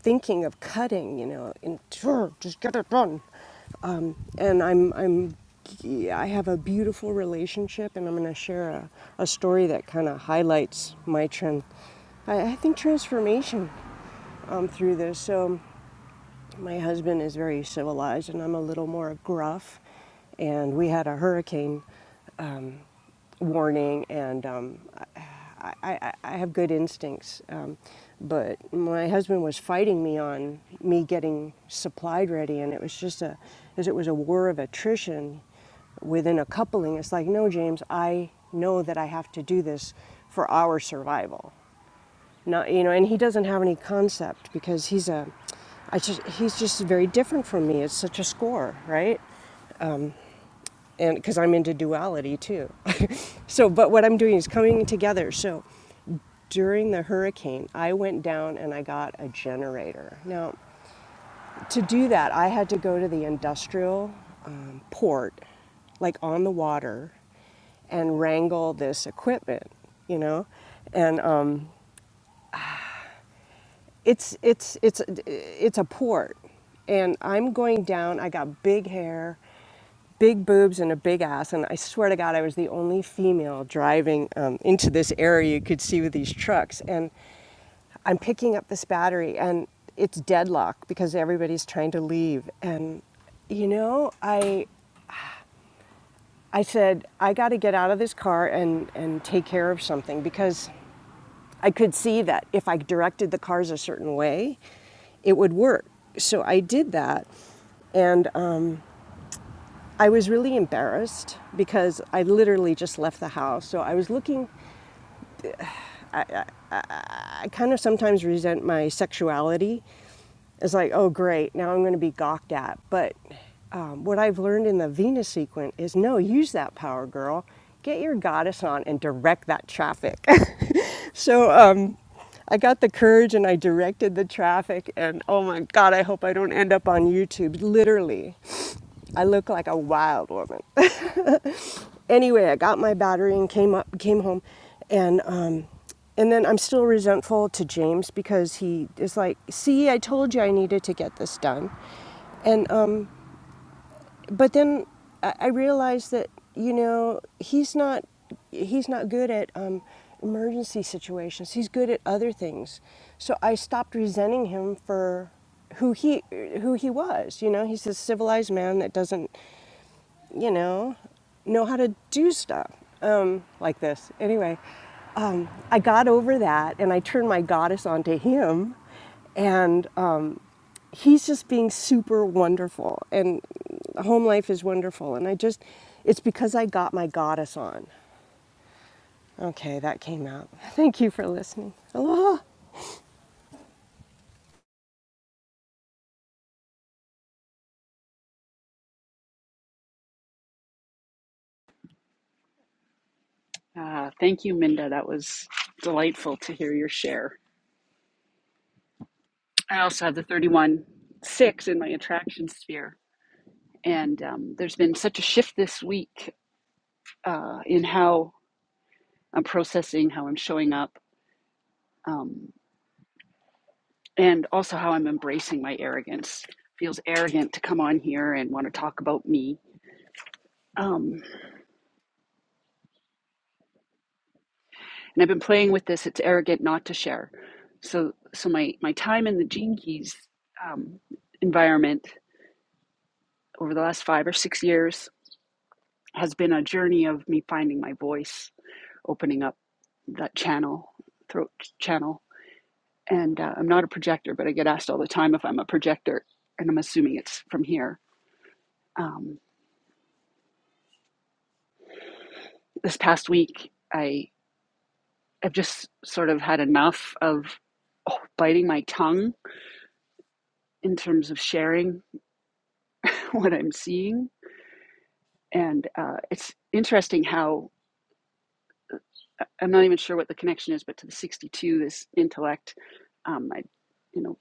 thinking of cutting, you know, and sure, just get it done and I'm I'm yeah, I have a beautiful relationship, and I'm going to share a, a story that kind of highlights my trend. I, I think transformation um, through this. So my husband is very civilized, and I'm a little more gruff. And we had a hurricane um, warning, and um, I, I, I have good instincts. Um, but my husband was fighting me on me getting supplied ready, and it was just a, as it was a war of attrition within a coupling. It's like, no, James, I know that I have to do this for our survival. Not, you know, and he doesn't have any concept because he's a, I just, he's just very different from me. It's such a score, right? and because I'm into duality too. so, but what I'm doing is coming together. So, during the hurricane, I went down and I got a generator. Now, to do that, I had to go to the industrial um, port, like on the water, and wrangle this equipment, you know, and um, it's it's it's it's a port and i'm going down i got big hair big boobs and a big ass and i swear to god i was the only female driving um, into this area you could see with these trucks and i'm picking up this battery and it's deadlocked because everybody's trying to leave and you know i i said i got to get out of this car and and take care of something because I could see that if I directed the cars a certain way, it would work. So I did that. And um, I was really embarrassed because I literally just left the house. So I was looking, I kind of sometimes resent my sexuality. It's like, oh, great, now I'm going to be gawked at. But um, what I've learned in the Venus sequence is no, use that power, girl. Get your goddess on and direct that traffic. So um, I got the courage and I directed the traffic, and oh my God, I hope I don't end up on YouTube. Literally, I look like a wild woman. anyway, I got my battery and came up, came home, and um, and then I'm still resentful to James because he is like, "See, I told you I needed to get this done," and um, but then I, I realized that you know he's not he's not good at um, emergency situations. He's good at other things. So I stopped resenting him for who he who he was. You know, he's a civilized man that doesn't you know know how to do stuff um, like this. Anyway, um, I got over that and I turned my goddess onto him, and. um, he's just being super wonderful and home life is wonderful and i just it's because i got my goddess on okay that came out thank you for listening aloha
Ah, thank you, Minda. That was delightful to hear your share. I also have the 31 6 in my attraction sphere. And um, there's been such a shift this week uh, in how I'm processing, how I'm showing up, um, and also how I'm embracing my arrogance. feels arrogant to come on here and want to talk about me. Um, and I've been playing with this. It's arrogant not to share. So, so my, my time in the Gene Keys um, environment over the last five or six years has been a journey of me finding my voice, opening up that channel, throat channel. And uh, I'm not a projector, but I get asked all the time if I'm a projector, and I'm assuming it's from here. Um, this past week, I have just sort of had enough of oh, biting my tongue in terms of sharing what I'm seeing. And uh, it's interesting how I- am not even sure what the connection is, but to the 62, this intellect, um, I, you know,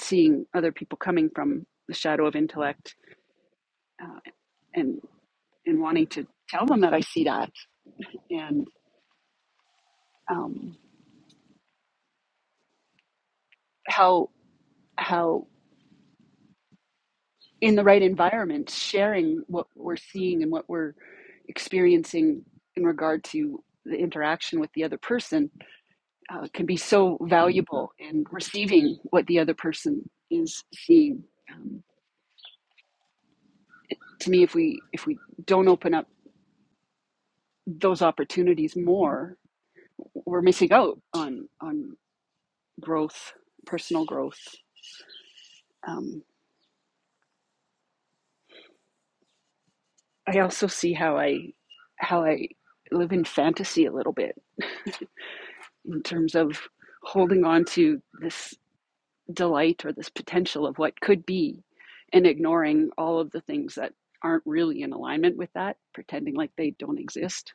seeing other people coming from the shadow of intellect uh, and and wanting to tell them that I see that and um, how how in the right environment sharing what we're seeing and what we're experiencing in regard to the interaction with the other person uh, can be so valuable in receiving what the other person is seeing um, to me if we if we don't open up those opportunities more we're missing out on on growth, personal growth. Um, I also see how I how I live in fantasy a little bit in terms of holding on to this delight or this potential of what could be and ignoring all of the things that aren't really in alignment with that, pretending like they don't exist.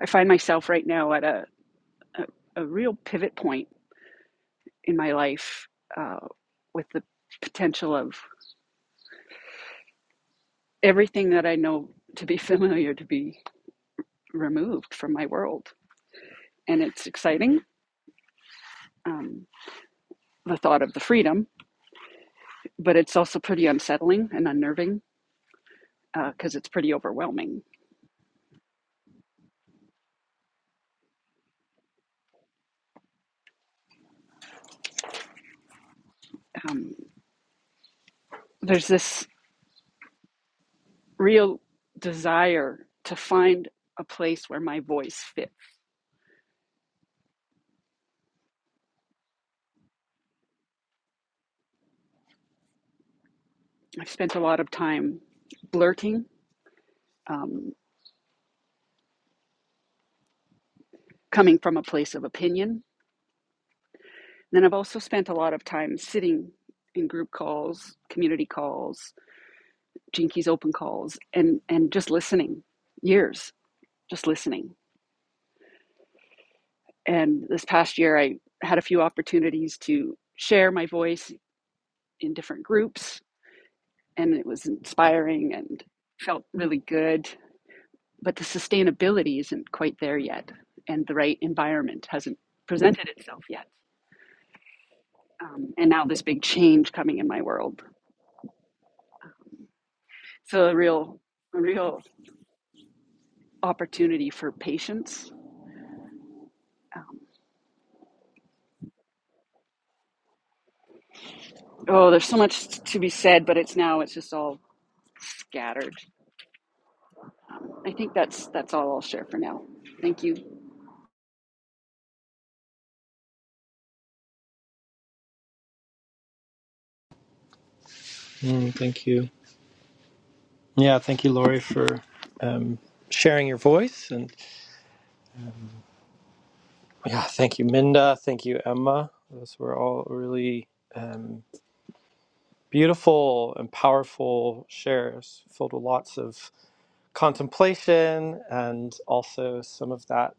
I find myself right now at a, a, a real pivot point in my life uh, with the potential of everything that I know to be familiar to be removed from my world and it's exciting, um, the thought of the freedom, but it's also pretty unsettling and unnerving because uh, it's pretty overwhelming. Um, there's this real desire to find a place where my voice fits. I've spent a lot of time blurting, um, coming from a place of opinion. Then I've also spent a lot of time sitting in group calls, community calls, Jinkies open calls, and, and just listening, years, just listening And this past year, I had a few opportunities to share my voice in different groups, and it was inspiring and felt really good. But the sustainability isn't quite there yet, and the right environment hasn't presented itself yet. Um, and now this big change coming in my world. So a real, a real opportunity for patience. Um, oh, there's so much to be said, but it's now it's just all scattered. I think that's that's all I'll share for now. Thank you.
Mm, thank you. Yeah, thank you, Laurie, for um, sharing your voice, and yeah, thank you, Minda. Thank you, Emma. Those were all really um, beautiful and powerful shares, filled with lots of contemplation and also some of that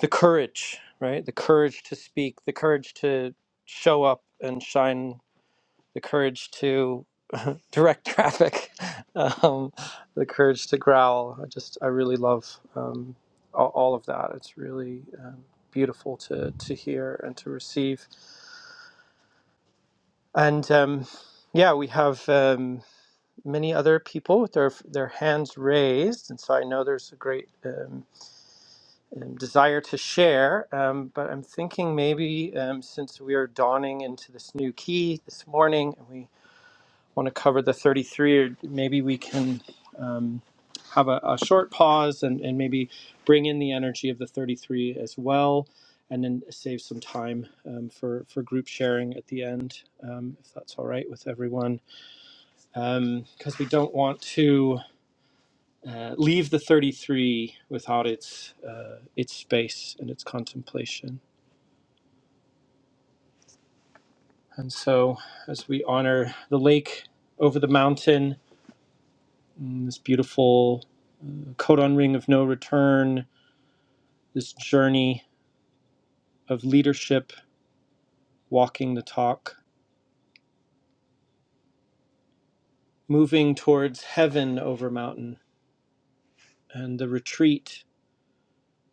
the courage, right? The courage to speak, the courage to show up and shine the courage to direct traffic, um, the courage to growl. I just, I really love um, all, all of that. It's really um, beautiful to, to hear and to receive. And um, yeah, we have um, many other people with their, their hands raised. And so I know there's a great um, um, desire to share. Um, but I'm thinking maybe um, since we are dawning into this new key this morning and we want to cover the 33, or maybe we can um, have a, a short pause and, and maybe bring in the energy of the 33 as well, and then save some time um, for, for group sharing at the end, um, if that's all right with everyone. Um, Because we don't want to uh, leave the 33 without its, uh, its space and its contemplation. And so, as we honor the lake over the mountain, mm, this beautiful Codon Ring of No Return, this journey of leadership, walking the talk, moving towards heaven over mountain, and the retreat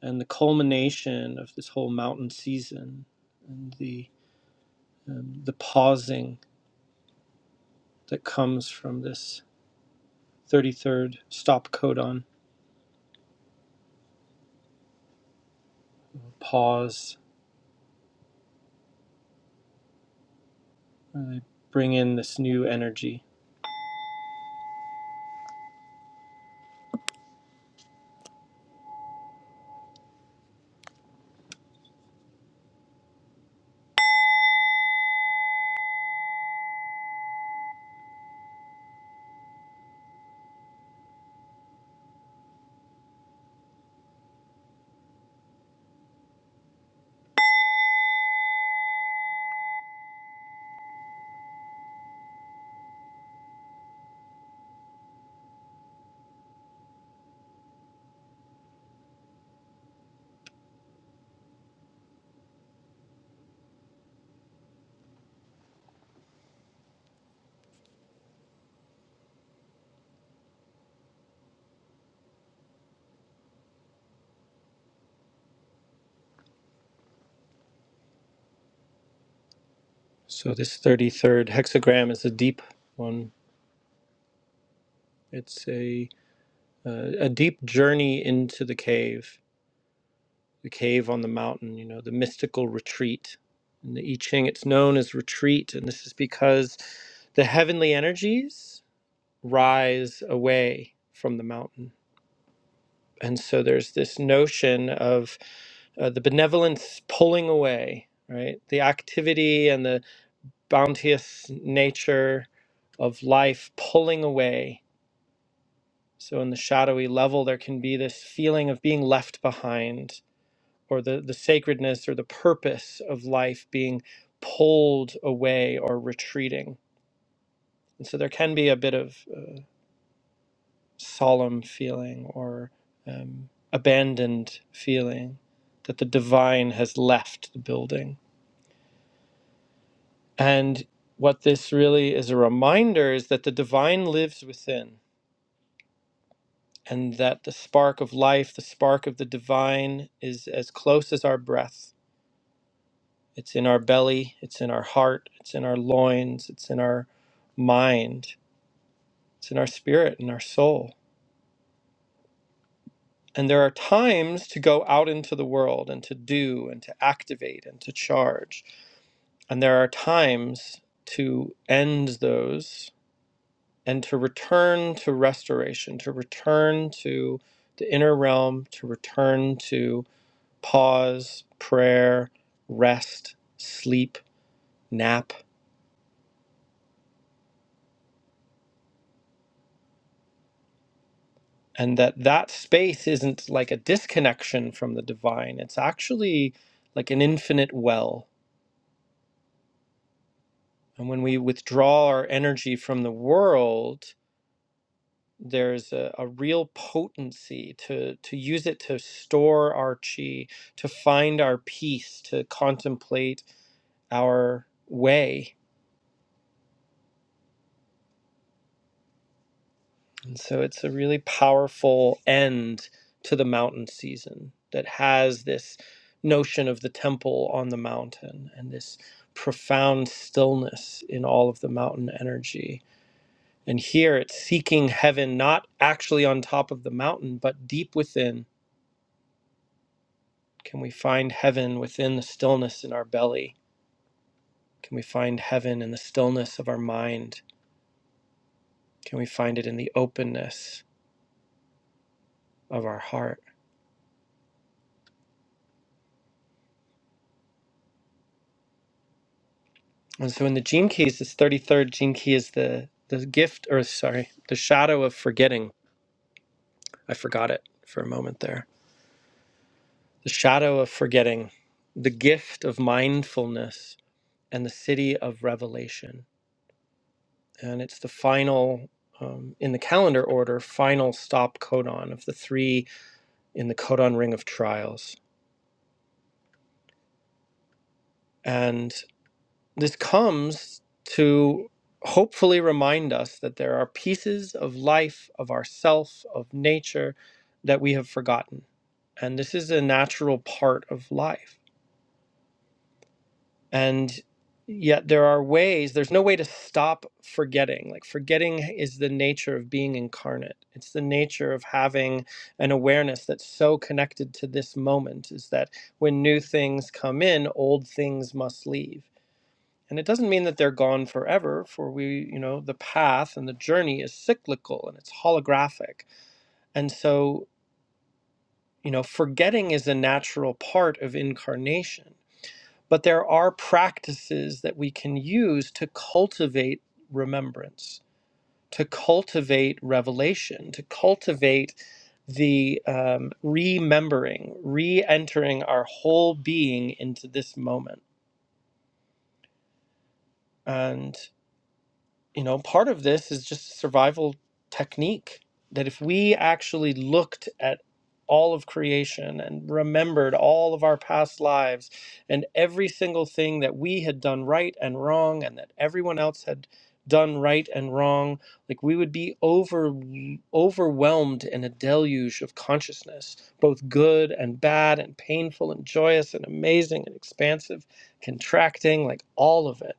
and the culmination of this whole mountain season, and the um, the pausing that comes from this 33rd stop codon pause, really bring in this new energy. So this 33rd hexagram is a deep one. It's a uh, a deep journey into the cave the cave on the mountain, you know, the mystical retreat. In the I Ching, it's known as retreat, and this is because the heavenly energies rise away from the mountain. And so there's this notion of uh, the benevolence pulling away, right? The activity and the bounteous nature of life pulling away. So in the shadowy level, there can be this feeling of being left behind or the, the sacredness or the purpose of life being pulled away or retreating. And so there can be a bit of uh, solemn feeling or um, abandoned feeling that the divine has left the building. And what this really is a reminder is that the divine lives within and that the spark of life, the spark of the divine, is as close as our breath It's in our belly, it's in our heart, it's in our loins, it's in our mind, it's in our spirit and our soul. And there are times to go out into the world and to do and to activate and to charge. And there are times to end those and to return to restoration, to return to the inner realm, to return to pause, prayer, rest, sleep, nap and that that space isn't like a disconnection from the divine it's actually like an infinite well and when we withdraw our energy from the world there's a, a real potency to to use it to store our chi to find our peace to contemplate our way And so it's a really powerful end to the mountain season that has this notion of the temple on the mountain and this profound stillness in all of the mountain energy. And here it's seeking heaven, not actually on top of the mountain, but deep within. Can we find heaven within the stillness in our belly? Can we find heaven in the stillness of our mind? Can we find it in the openness of our heart? And so in the gene keys, this 33rd gene key is the, the gift, or sorry, the shadow of forgetting. I forgot it for a moment there. The shadow of forgetting, the gift of mindfulness, and the city of revelation. And it's the final, um, in the calendar order, final stop codon of the three in the codon ring of trials. And. This comes to hopefully remind us that there are pieces of life, of ourself, of nature that we have forgotten. And this is a natural part of life. And yet there are ways, there's no way to stop forgetting. Like forgetting is the nature of being incarnate. It's the nature of having an awareness that's so connected to this moment is that when new things come in, old things must leave and it doesn't mean that they're gone forever, for we, you know, the path and the journey is cyclical and it's holographic. And so, you know, forgetting is a natural part of incarnation. But there are practices that we can use to cultivate remembrance, to cultivate revelation, to cultivate the um, remembering, re entering our whole being into this moment. and. you know, part of this is just a survival technique that if we actually looked at all of creation and remembered all of our past lives and every single thing that we had done right and wrong and that everyone else had done right and wrong like we would be over overwhelmed in a deluge of consciousness both good and bad and painful and joyous and amazing and expansive contracting like all of it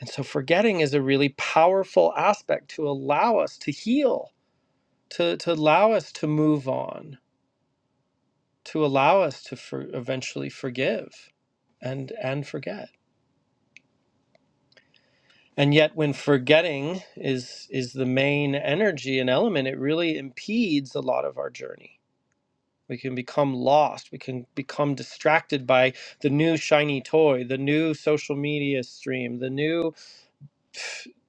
and so forgetting is a really powerful aspect to allow us to heal, to, to allow us to move on, to allow us to for, eventually forgive and and forget. And yet when forgetting is is the main energy and element, it really impedes a lot of our journey. We can become lost, we can become distracted by the new shiny toy, the new social media stream, the new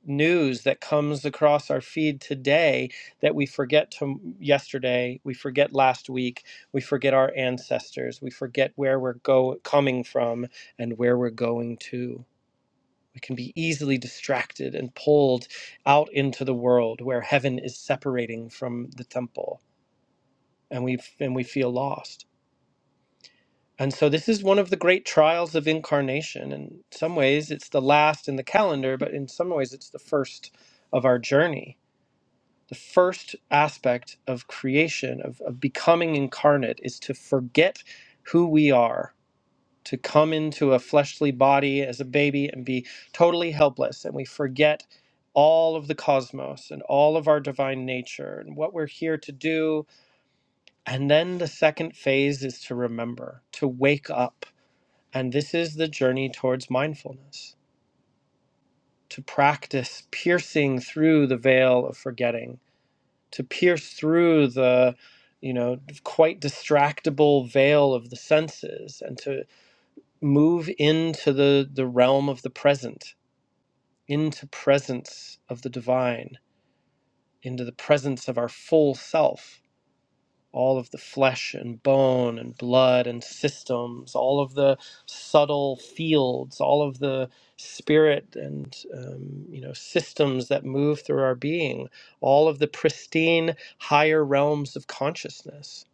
news that comes across our feed today that we forget to yesterday, we forget last week, we forget our ancestors, we forget where we're go coming from and where we're going to. We can be easily distracted and pulled out into the world where heaven is separating from the temple and we and we feel lost. And so this is one of the great trials of incarnation. In some ways it's the last in the calendar, but in some ways it's the first of our journey The first aspect of creation, of, of becoming incarnate, is to forget who we are, to come into a fleshly body as a baby and be totally helpless. And we forget all of the cosmos and all of our divine nature and what we're here to do. And then the second phase is to remember, to wake up. And this is the journey towards mindfulness, to practice piercing through the veil of forgetting to pierce through the you know quite distractible veil of the senses and to move into the the realm of the present into presence of the divine into the presence of our full self all of the flesh and bone and blood and systems, all of the subtle fields, all of the spirit and um, you know systems that move through our being, all of the pristine higher realms of consciousness.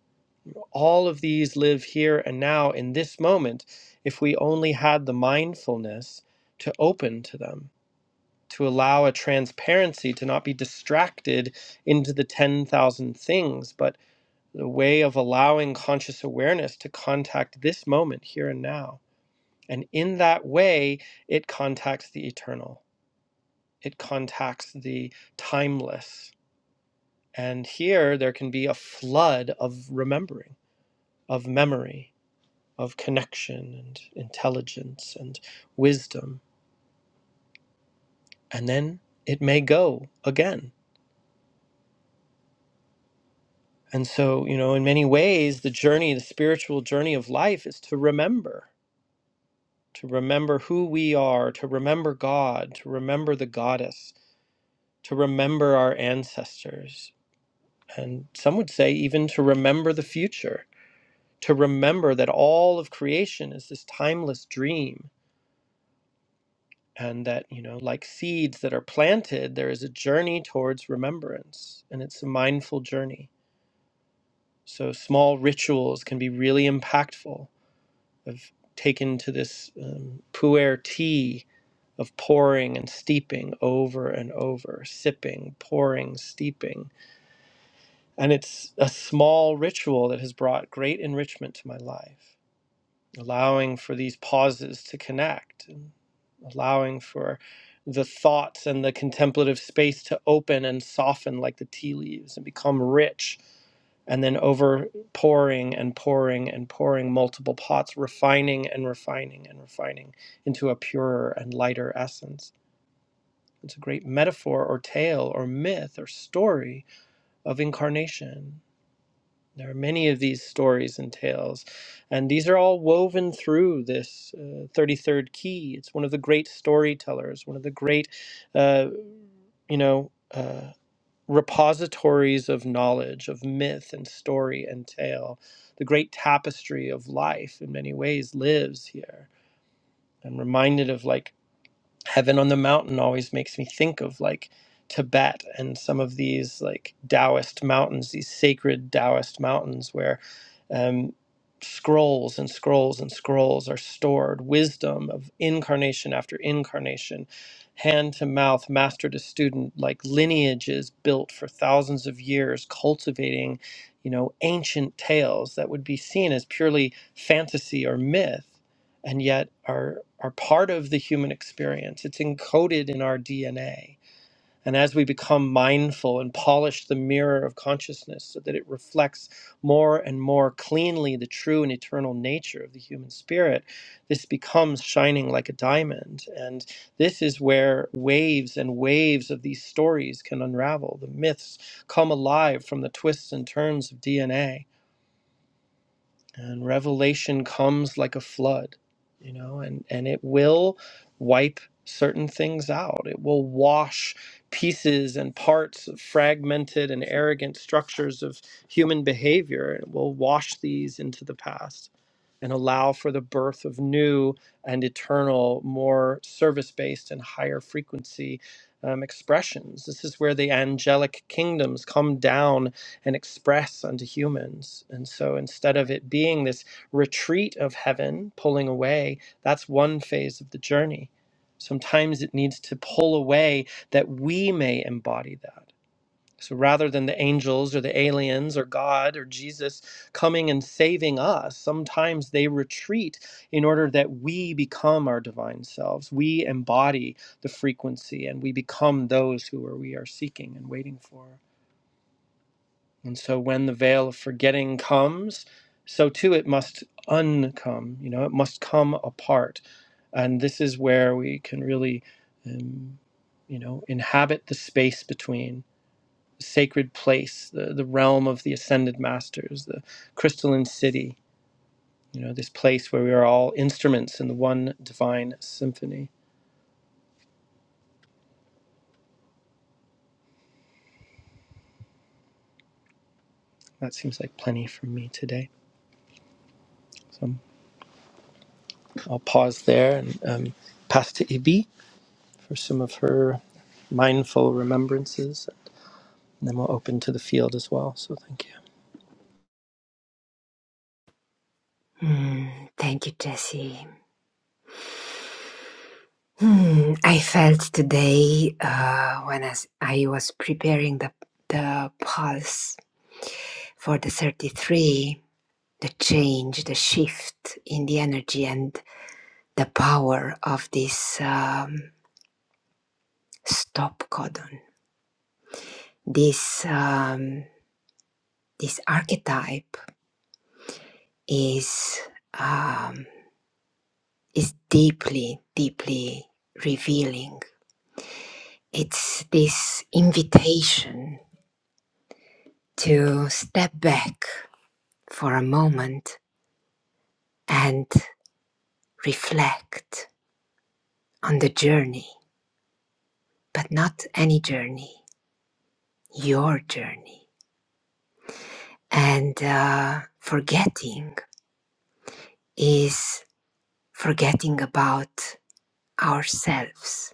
All of these live here and now in this moment if we only had the mindfulness to open to them. To allow a transparency to not be distracted into the 10,000 things, but the way of allowing conscious awareness to contact this moment here and now. And in that way, it contacts the eternal, it contacts the timeless. And here, there can be a flood of remembering, of memory, of connection, and intelligence, and wisdom. And then it may go again. And so, you know, in many ways, the journey, the spiritual journey of life is to remember to remember who we are, to remember God, to remember the goddess, to remember our ancestors, and some would say even to remember the future, to remember that all of creation is this timeless dream, and that, you know, like seeds that are planted, there is a journey towards remembrance, and it's a mindful journey. So small rituals can be really impactful I've taken to this um, pu'er tea of pouring and steeping over and over, sipping, pouring, steeping. And it's a small ritual that has brought great enrichment to my life, allowing for these pauses to connect, and allowing for the thoughts and the contemplative space to open and soften like the tea leaves and become rich and then over pouring and pouring and pouring multiple pots, refining and refining and refining into a purer and lighter essence. It's a great metaphor or tale or myth or story of incarnation. There are many of these stories and tales, and these are all woven through this uh, 33rd key. It's one of the great storytellers, one of the great, uh, you know. uh, repositories of knowledge, of myth and story and tale. The great tapestry of life, in many ways, lives here. I'm reminded of like Heaven on the Mountain always makes me think of like Tibet and some of these like Taoist mountains, these sacred Taoist mountains where um, scrolls and scrolls and scrolls are stored, wisdom of incarnation after incarnation, hand to mouth, master to student, like lineages built for thousands of years, cultivating, you know, ancient tales that would be seen as purely fantasy or myth and yet are are part of the human experience. It's encoded in our DNA. And as we become mindful and polish the mirror of consciousness so that it reflects more and more cleanly the true and eternal nature of the human spirit, this becomes shining like a diamond. And this is where waves and waves of these stories can unravel. The myths come alive from the twists and turns of DNA and revelation comes like a flood you know and and it will wipe certain things out it will wash pieces and parts of fragmented and arrogant structures of human behavior it will wash these into the past and allow for the birth of new and eternal, more service based and higher frequency um, expressions. This is where the angelic kingdoms come down and express unto humans. And so instead of it being this retreat of heaven pulling away, that's one phase of the journey. Sometimes it needs to pull away that we may embody that. So rather than the angels or the aliens or God or Jesus coming and saving us, sometimes they retreat in order that we become our divine selves. We embody the frequency and we become those who are, we are seeking and waiting for. And so when the veil of forgetting comes, so too it must uncome, you know, it must come apart. And this is where we can really, um, you know, inhabit the space between sacred place, the, the realm of the ascended masters, the crystalline city, you know, this place where we are all instruments in the one divine symphony. That seems like plenty for me today. So I'll pause there and um, pass to Ibi for some of her mindful remembrances. And then we'll open to the field as well. So thank you.
Hmm, thank you, Jessie. Hmm, I felt today uh, when as I was preparing the the pulse for the 33, the change, the shift in the energy and the power of this um, stop codon. This um, this archetype is um, is deeply, deeply revealing. It's this invitation to step back for a moment and reflect on the journey, but not any journey, your journey. And uh, forgetting is forgetting about ourselves,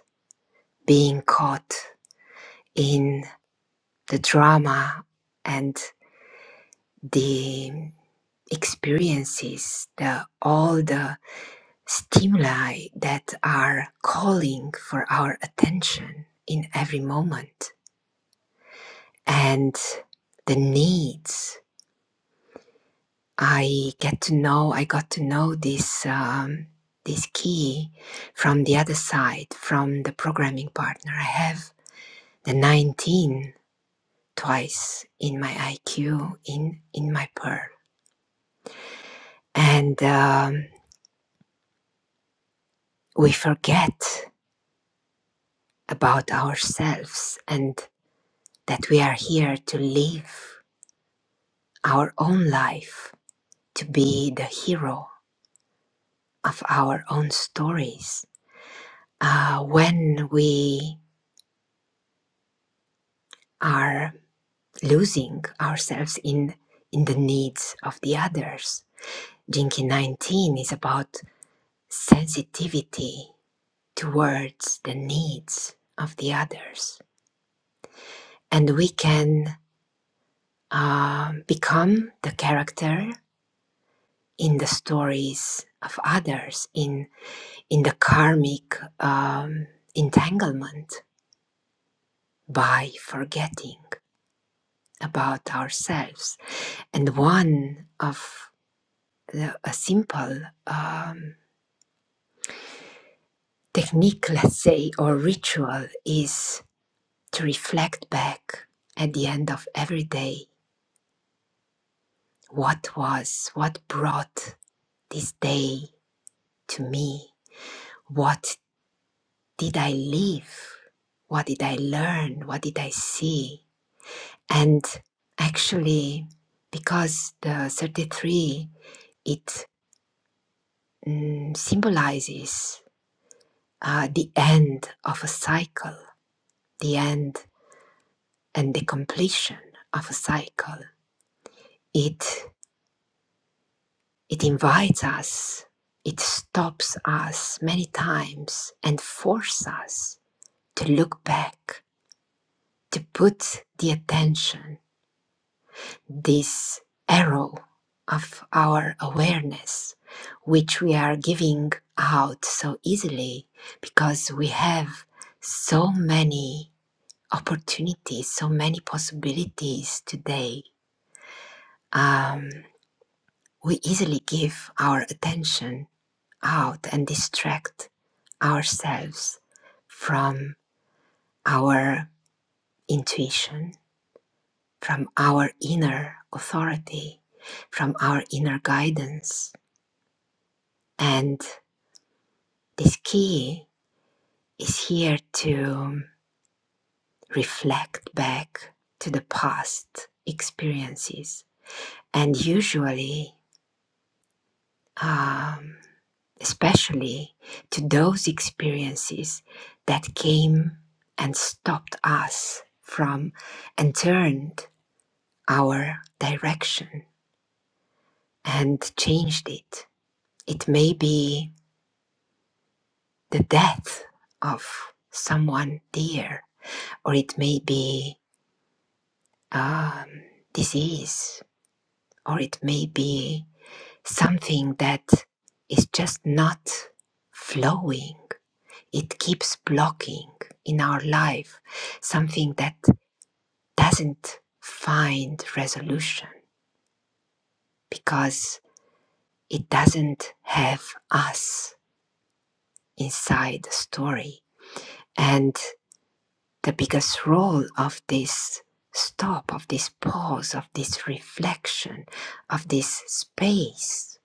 being caught in the drama and the experiences, the all the stimuli that are calling for our attention in every moment and the needs i get to know i got to know this um, this key from the other side from the programming partner i have the 19 twice in my iq in in my pearl and um, we forget about ourselves and that we are here to live our own life, to be the hero of our own stories. Uh, when we are losing ourselves in, in the needs of the others, Jinki 19 is about sensitivity towards the needs of the others. And we can uh, become the character in the stories of others, in, in the karmic um, entanglement by forgetting about ourselves. And one of the, a simple um, technique, let's say, or ritual is to reflect back at the end of every day what was, what brought this day to me, what did I live, what did I learn, what did I see. And actually, because the 33, it mm, symbolizes uh, the end of a cycle, the end and the completion of a cycle. It it invites us, it stops us many times and forces us to look back, to put the attention, this arrow of our awareness, which we are giving out so easily because we have so many opportunities, so many possibilities today. Um, we easily give our attention out and distract ourselves from our intuition, from our inner authority, from our inner guidance. And this key is here to reflect back to the past experiences. And usually, um, especially to those experiences that came and stopped us from and turned our direction and changed it. It may be the death of someone dear, or it may be um, disease, or it may be something that is just not flowing it keeps blocking in our life something that doesn't find resolution because it doesn't have us inside the story. And the biggest role of this stop, of this pause, of this reflection, of this space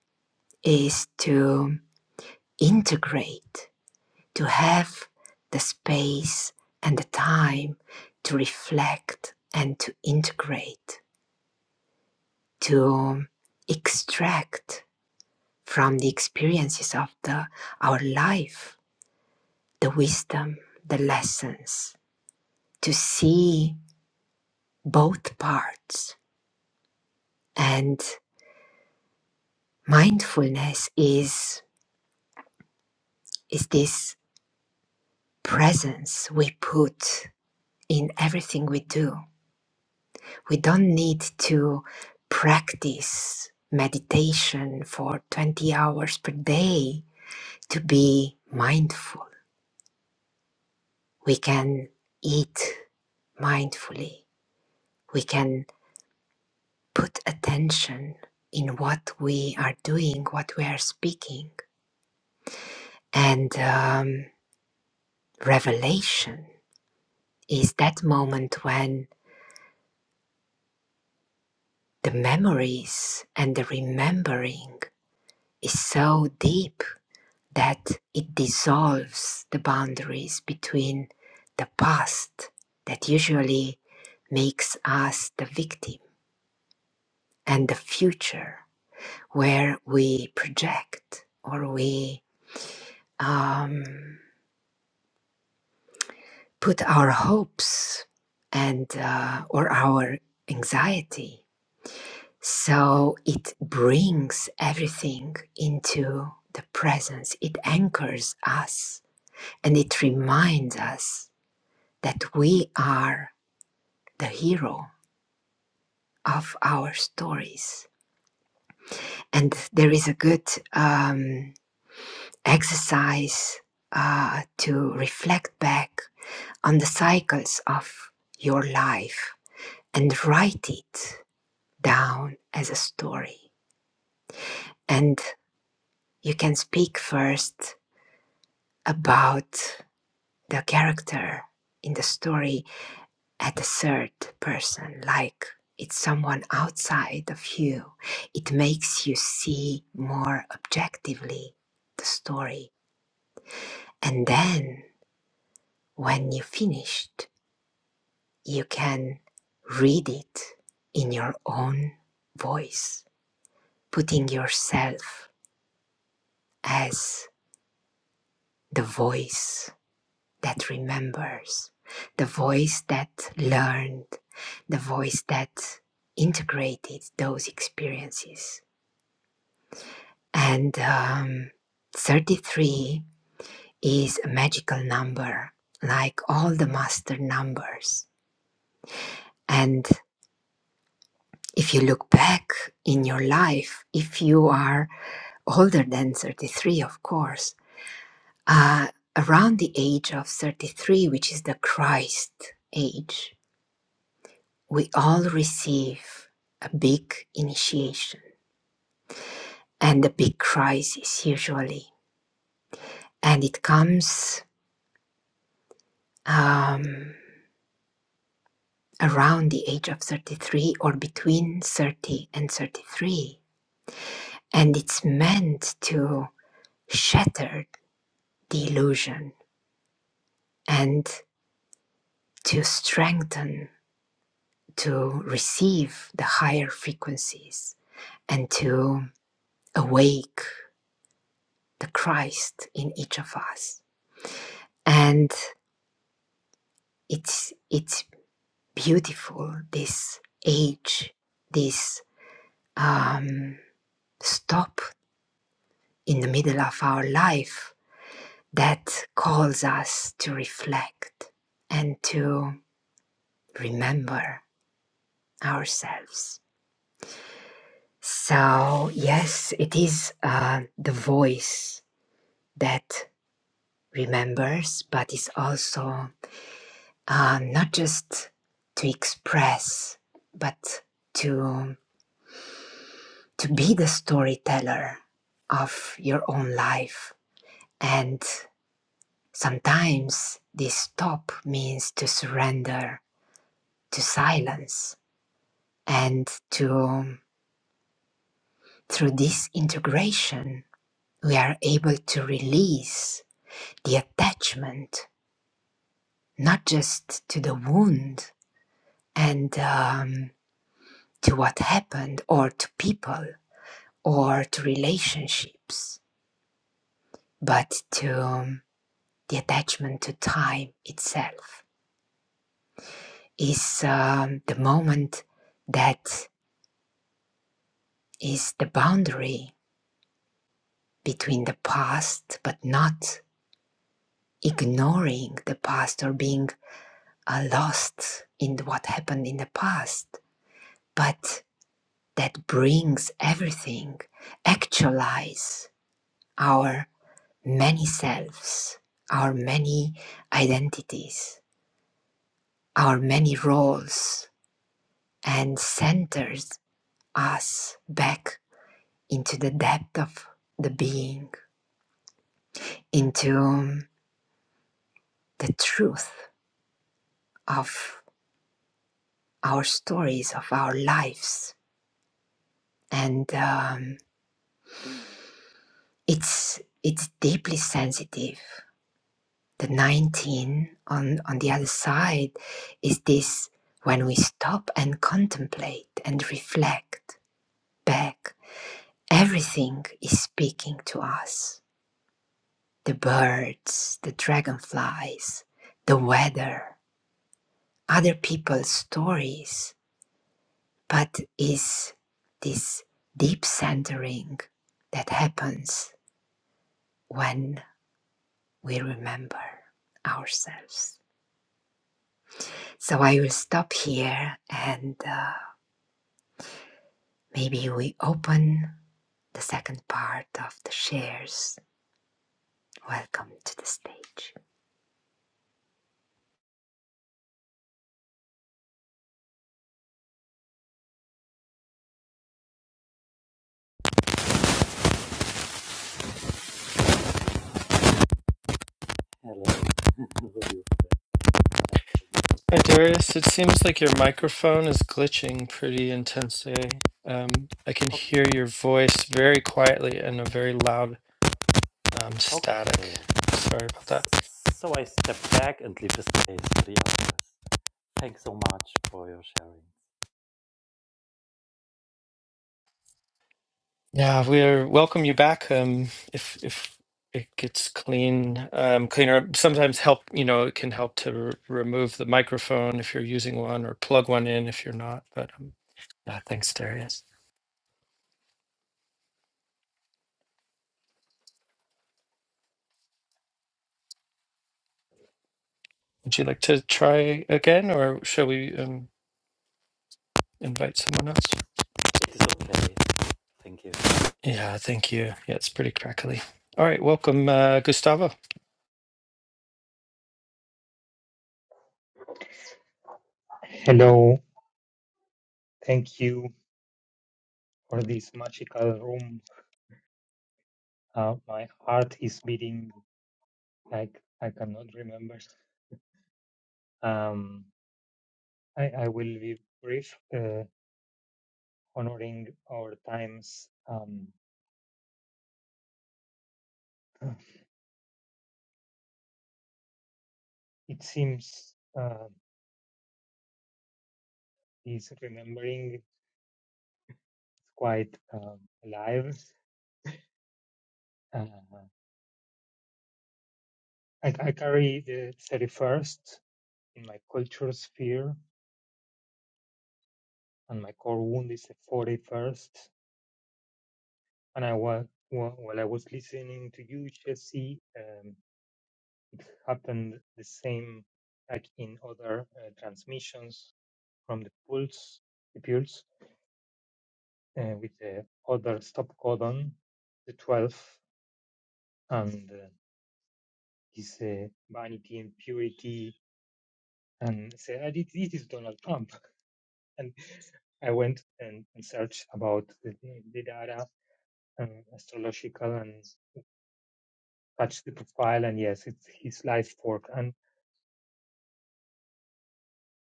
is to integrate to have the space and the time to reflect and to integrate, to um, extract from the experiences of the, our life the wisdom, the lessons, to see both parts. And mindfulness is, is this presence we put in everything we do We don't need to practice meditation for 20 hours per day to be mindful. We can eat mindfully. We can put attention in what we are doing, what we are speaking. And um, revelation is that moment when the memories and the remembering is so deep that it dissolves the boundaries between the past that usually makes us the victim and the future where we project or we um, put our hopes and uh, or our anxiety so it brings everything into the presence it anchors us and it reminds us that we are the hero of our stories. And there is a good um, exercise uh, to reflect back on the cycles of your life and write it down as a story. And you can speak first about the character in the story at the third person, like it's someone outside of you. It makes you see more objectively the story. And then when you finished, you can read it in your own voice, putting yourself as the voice that remembers, the voice that learned, the voice that integrated those experiences And um, 33 is a magical number, like all the master numbers. And if you look back in your life, if you are older than 33, of course, uh, around the age of 33, which is the Christ age, we all receive a big initiation and a big crisis usually. And it comes. Um, around the age of 33 or between 30 and 33. And it's meant to shatter the illusion and to strengthen, to receive the higher frequencies and to awake the Christ in each of us. And it's, it's beautiful, this age, this um, stop in the middle of our life that calls us to reflect and to remember ourselves. So, yes, it is uh, the voice that remembers, but is also uh, not just to express, but to, to be the storyteller of your own life. And sometimes this stop means to surrender to silence And to, um, through this integration, we are able to release the attachment, not just to the wound and um, to what happened, or to people, or to relationships, but to um, the attachment to time itself. Is um, the moment that is the boundary between the past, but not ignoring the past or being are lost in what happened in the past, but that brings everything, actualize our many selves, our many identities, our many roles, and centers us back into the depth of the being, into the truth of our stories, of our lives. And um, it's, it's deeply sensitive the 19 on, on the other side is this when we stop and contemplate and reflect back, everything is speaking to us the birds, the dragonflies, the weather, other people's stories. But is this deep centering that happens when we remember ourselves? So I will stop here and. uh, Maybe we open the second part of the shares. Welcome to the stage.
Hello. How are you?
Hi, Darius. It seems like your
yeah.
microphone is glitching pretty intensely. Um, I can
O-
hear your voice very quietly and a very loud um, static.
okay.
Sorry about that.
So I step back and leave the space for the others. Thanks so much for your sharing.
Yeah, we're welcome you back. Um, if if it gets clean, um, cleaner. Sometimes help. You know, it can help to r remove the microphone if you're using one, or plug one in if you're not. But um, yeah, thanks, Darius. Would you like to try again, or shall we um, invite someone else?
It is okay. Thank you.
Yeah, thank you. Yeah, it's pretty crackly. All right, welcome, uh, Gustavo.
Hello, thank you for this magical room. Uh, my heart is beating like I cannot remember. Um, I, I will be brief, uh, honoring our times. Um, it seems uh, this remembering is quite um, alive. Uh, I, I carry the 31st in my culture sphere, and my core wound is the 41st. And I was while while I was listening to you, Jesse, um, it happened the same like in other uh, transmissions from the pulse, the pulse uh, with the other stop codon, the 12, and uh, his uh, vanity and purity. And say "Ah, this this is Donald Trump. And I went and, and searched about the, the data, um, astrological, and touched the profile. And yes, it's his life fork. And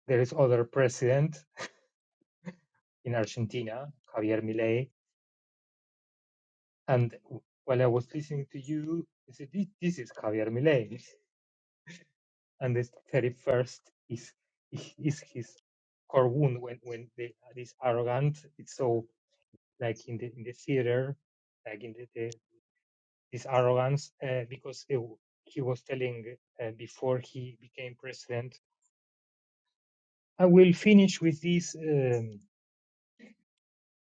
There is other president in Argentina, Javier Milei, and while I was listening to you, I said, this, this is Javier Milei, and the 31st is is is his core wound when when they, this arrogant. It's so like in the in the theater, like in the, the this arrogance uh, because it, he was telling uh, before he became president. I will finish with this. Um,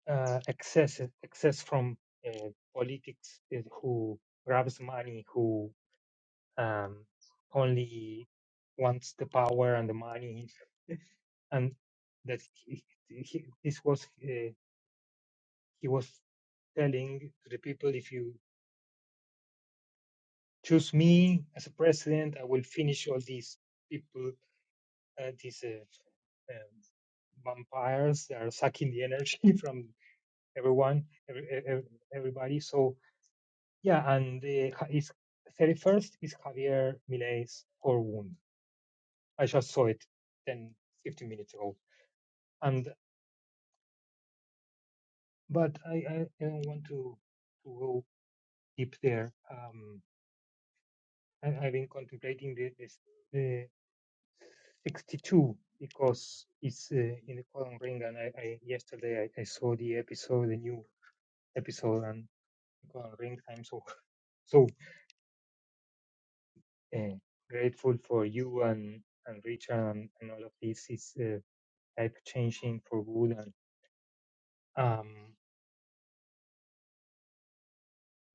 uh, excess excess from uh, politics is who grabs money who um, only wants the power and the money and that he, he, this was uh, he was telling to the people if you choose me as a president i will finish all these people uh, these uh, um, vampires that are sucking the energy from everyone every, every, everybody so Yeah, and the ha- is thirty first is Javier Milei's Poor Wound. I just saw it 10, 15 minutes ago, and but I I, I don't want to to go deep there. Um, I, I've been contemplating the this the sixty two because it's uh, in the Colin Ring, and I, I yesterday I, I saw the episode, the new episode, and the Colin Ring. I'm so so uh, grateful for you and and Richard and, and all of this is. uh, like changing for good and um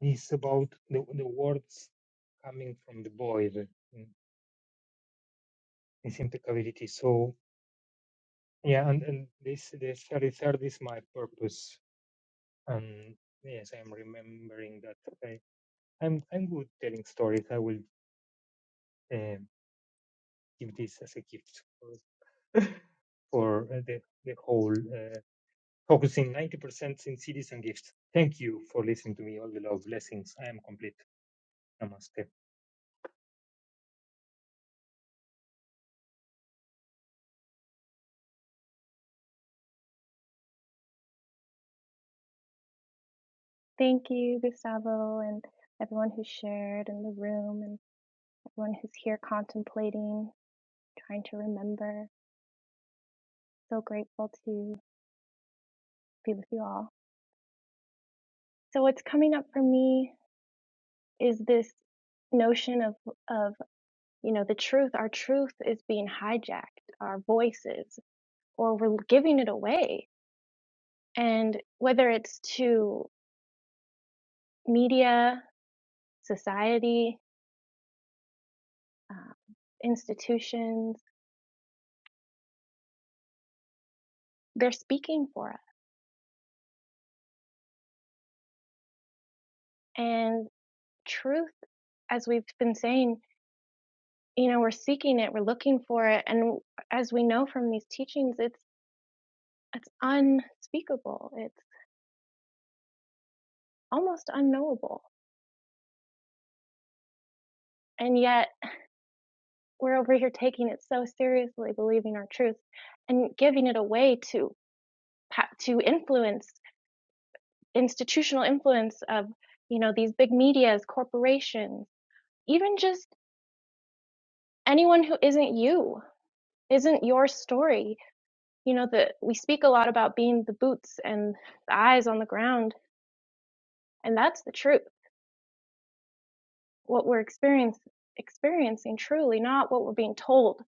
it's about the, the words coming from the void in its impeccability so yeah and, and this the 33rd is my purpose and yes i'm remembering that I, i'm i'm good telling stories i will uh, give this as a gift for, for uh, the, the whole uh, focusing 90% in cities and gifts thank you for listening to me all the love blessings i am complete namaste
Thank you, Gustavo, and everyone who shared in the room, and everyone who's here contemplating, trying to remember. So grateful to be with you all. So, what's coming up for me is this notion of, of you know, the truth. Our truth is being hijacked, our voices, or we're giving it away. And whether it's to media, society, uh, institutions, they're speaking for us. and. truth as we've been saying you know we're seeking it we're looking for it and as we know from these teachings it's it's unspeakable it's almost unknowable and yet we're over here taking it so seriously believing our truth and giving it away to to influence institutional influence of you know these big medias corporations even just anyone who isn't you isn't your story you know that we speak a lot about being the boots and the eyes on the ground and that's the truth what we're experience, experiencing truly not what we're being told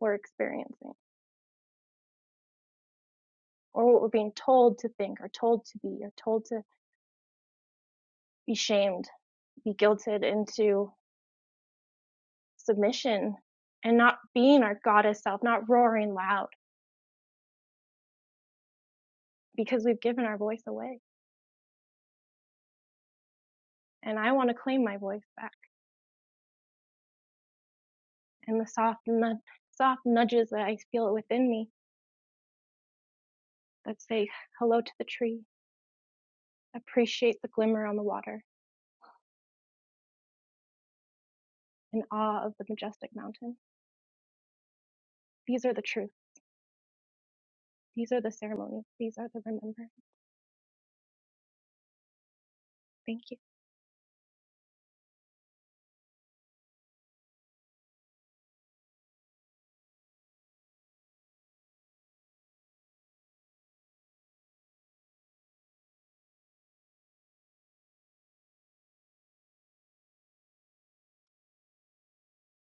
we're experiencing or what we're being told to think or told to be or told to be shamed be guilted into submission and not being our goddess self not roaring loud because we've given our voice away and i want to claim my voice back and the soft nu- soft nudges that i feel within me that say hello to the tree Appreciate the glimmer on the water, in awe of the majestic mountain. These are the truth. These are the ceremony. These are the remember. Thank you.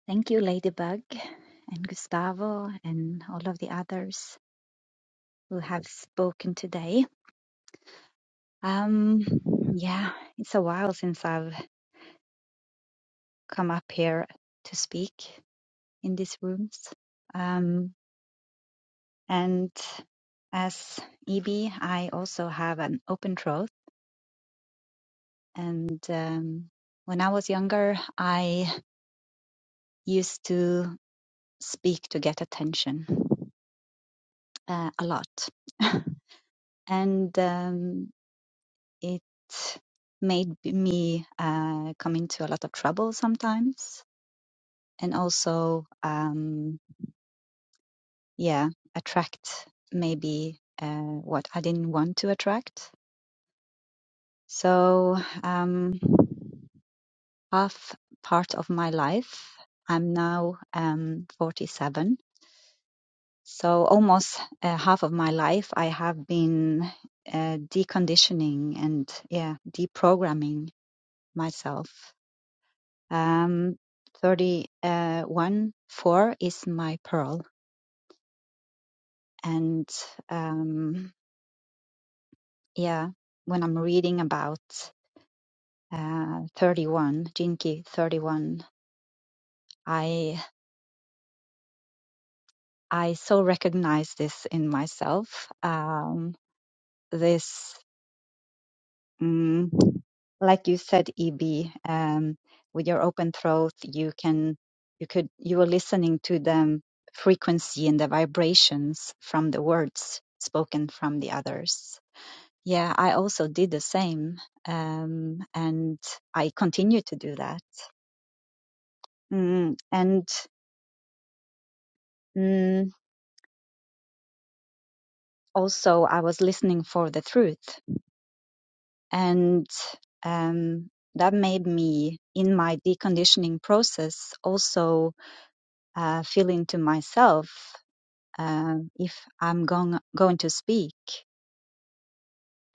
Thank you, Ladybug and Gustavo and all of the others who have spoken today. Um, yeah, it's a while since I've come up here to speak in these rooms. Um, and as Ebi, I also have an open throat. And um, when I was younger, I used to speak to get attention uh, a lot. and um, It made b- me uh, come into a lot of trouble sometimes, and also, um, yeah, attract maybe uh, what I didn't want to attract. So, um, half part of my life, I'm now um, 47. So, almost uh, half of my life, I have been uh, deconditioning and, yeah, deprogramming myself Um, 31 4 is my pearl. And um, yeah, when I'm reading about uh, 31, Jinki 31, I I so recognize this in myself. Um, this Mm, like you said, EB, um, with your open throat, you can, you could, you are listening to the frequency and the vibrations from the words spoken from the others. Yeah, I also did the same, um, and I continue to do that. Mm, and mm, also, I was listening for the truth, and um, that made me, in my deconditioning process, also uh, feeling to myself um, if I'm going going to speak.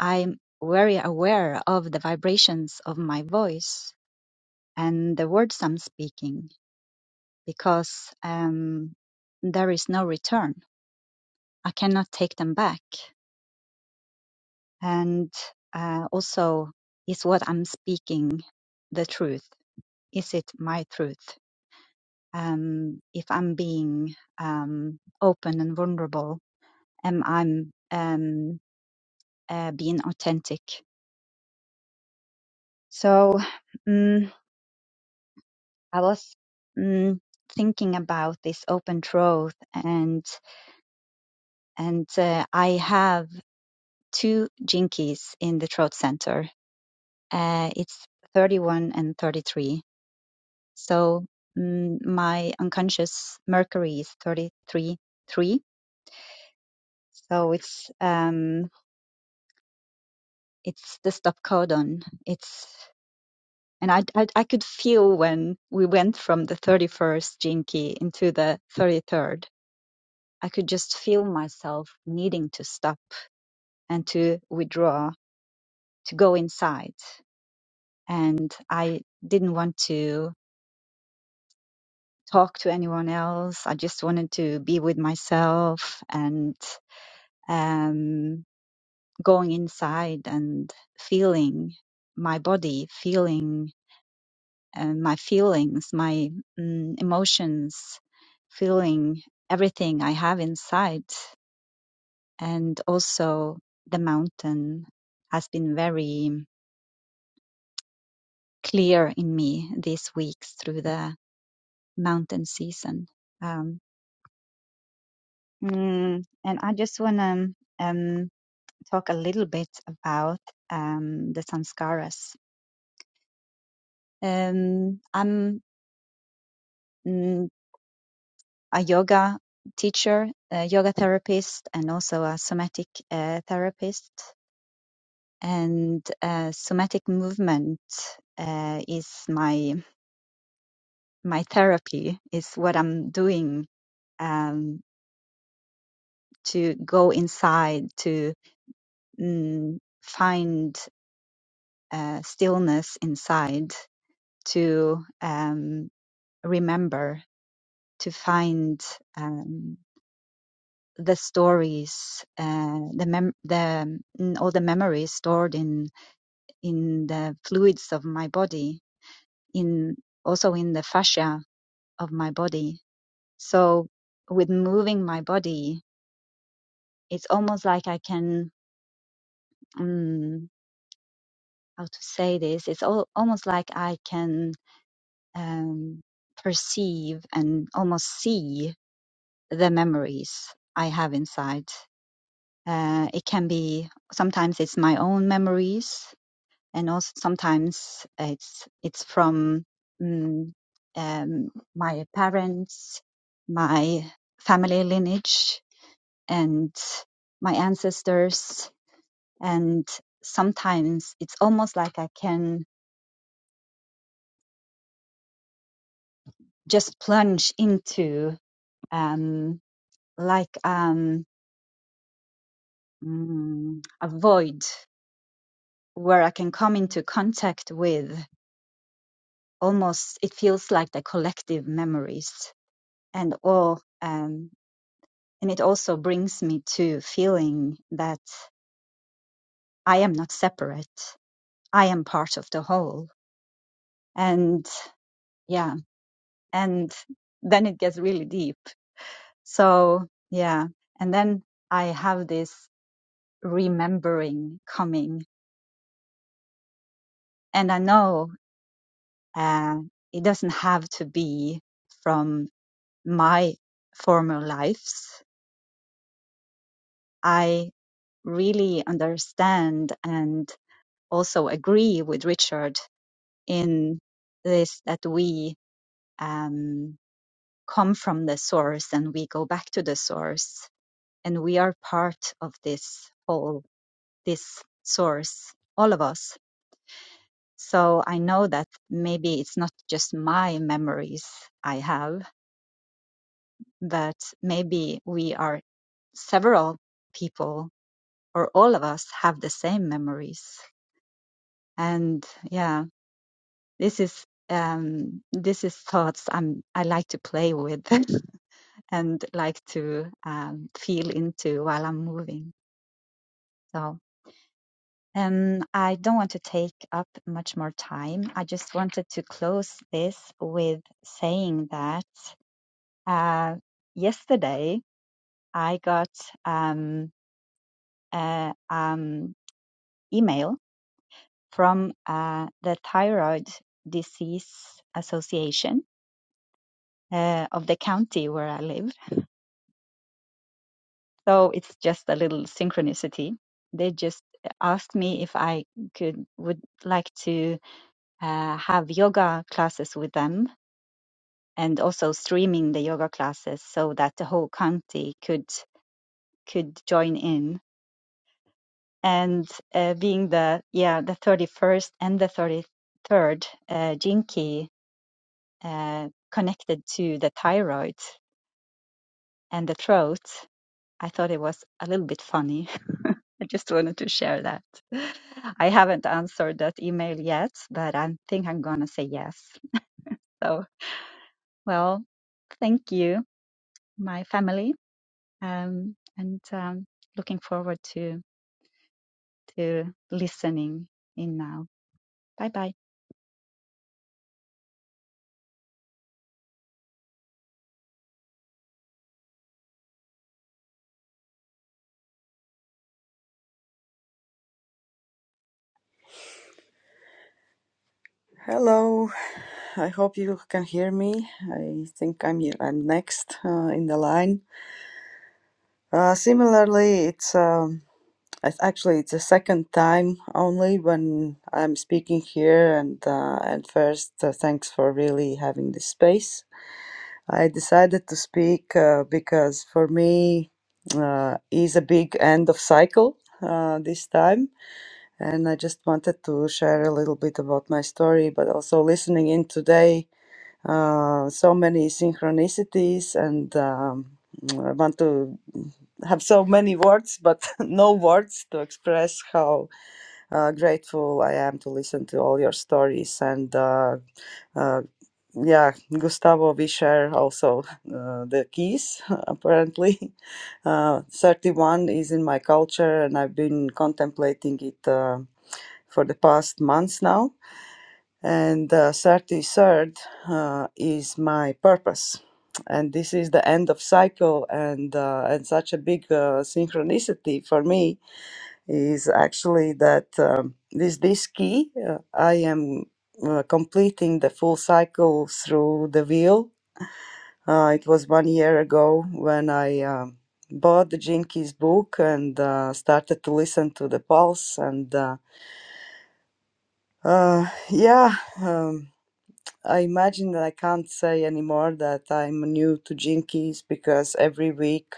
I'm very aware of the vibrations of my voice and the words I'm speaking because um, there is no return. I cannot take them back, and uh, also is what I'm speaking the truth? Is it my truth? Um, if I'm being um, open and vulnerable, am I? um, uh, being authentic. So mm, I was mm, thinking about this open throat, and and uh, I have two jinkies in the throat center. Uh, it's 31 and 33. So mm, my unconscious mercury is 33 3. So it's um, it's the stop codon. It's And I, I, I could feel when we went from the 31st Jinki into the 33rd, I could just feel myself needing to stop and to withdraw, to go inside. And I didn't want to talk to anyone else. I just wanted to be with myself and um, going inside and feeling my body, feeling uh, my feelings, my mm, emotions, feeling everything I have inside. And also, the mountain has been very clear in me these weeks through the mountain season. Um, mm, and I just want to um, talk a little bit about um, the sanskaras. Um, I'm mm, a yoga teacher, a yoga therapist, and also a somatic uh, therapist. And uh, somatic movement uh, is my my therapy. Is what I'm doing um, to go inside to mm, find uh, stillness inside to um, remember to find. Um, the stories, uh, the mem- the mm, all the memories stored in in the fluids of my body, in also in the fascia of my body. So with moving my body, it's almost like I can mm, how to say this. It's all, almost like I can um, perceive and almost see the memories I have inside. Uh, it can be sometimes it's my own memories and also sometimes it's it's from mm um, my parents, my family lineage, and my ancestors. And sometimes it's almost like I can just plunge into um, like um, mm, a void where I can come into contact with almost it feels like the collective memories and all um, And it also brings me to feeling that I am not separate. I am part of the whole. And yeah, and then it gets really deep. So yeah. And then I have this remembering coming. And I know uh, it doesn't have to be from my former lives. I really understand and also agree with Richard in this that we um, come from the source and we go back to the source and we are part of this whole, this source, all of us. So I know that maybe it's not just my memories I have, but maybe we are several people or all of us have the same memories. And yeah, this is um this is thoughts i'm i like to play with and like to um, feel into while I'm moving. So, um, I don't want to take up much more time. I just wanted to close this with saying that uh, yesterday I got um, a um, email from uh, the Thyroid Disease Association uh, of the county where I live So it's just a little synchronicity. They just asked me if I could would like to uh, have yoga classes with them and also streaming the yoga classes so that the whole county could could join in. And uh, being the yeah the 31st and the 33rd uh, Jinki uh, connected to the thyroid and the throat, I thought it was a little bit funny I just wanted to share that. I haven't answered that email yet, but I think I'm going to say yes. So, well, thank you, my family, um, and um, looking forward to to listening in now. Bye bye.
Hello, I hope you can hear me. I think I'm, I'm next uh, in the line. Uh, similarly, it's um, it's actually it's the second time only when I'm speaking here, and uh, and first uh, thanks for really having this space. I decided to speak uh, because for me uh, is a big end of cycle uh, this time, and I just wanted to share a little bit about my story, but also listening in today uh, so many synchronicities and um, I want to have so many words, but no words to express how uh, grateful I am to listen to all your stories. And uh, uh, yeah, Gustavo, we share also uh, the keys, apparently. Uh, 31 is in my culture, and I've been contemplating it uh, for the past months now and uh, 33rd uh, is my purpose and this is the end of cycle and uh, and such a big uh, synchronicity for me is actually that um, with this key uh, i am uh, completing the full cycle through the wheel uh, it was one year ago when i um, bought the jinkies book and uh, started to listen to the pulse and uh, uh, yeah um, I imagine that I can't say anymore that I'm new to jinkies because every week,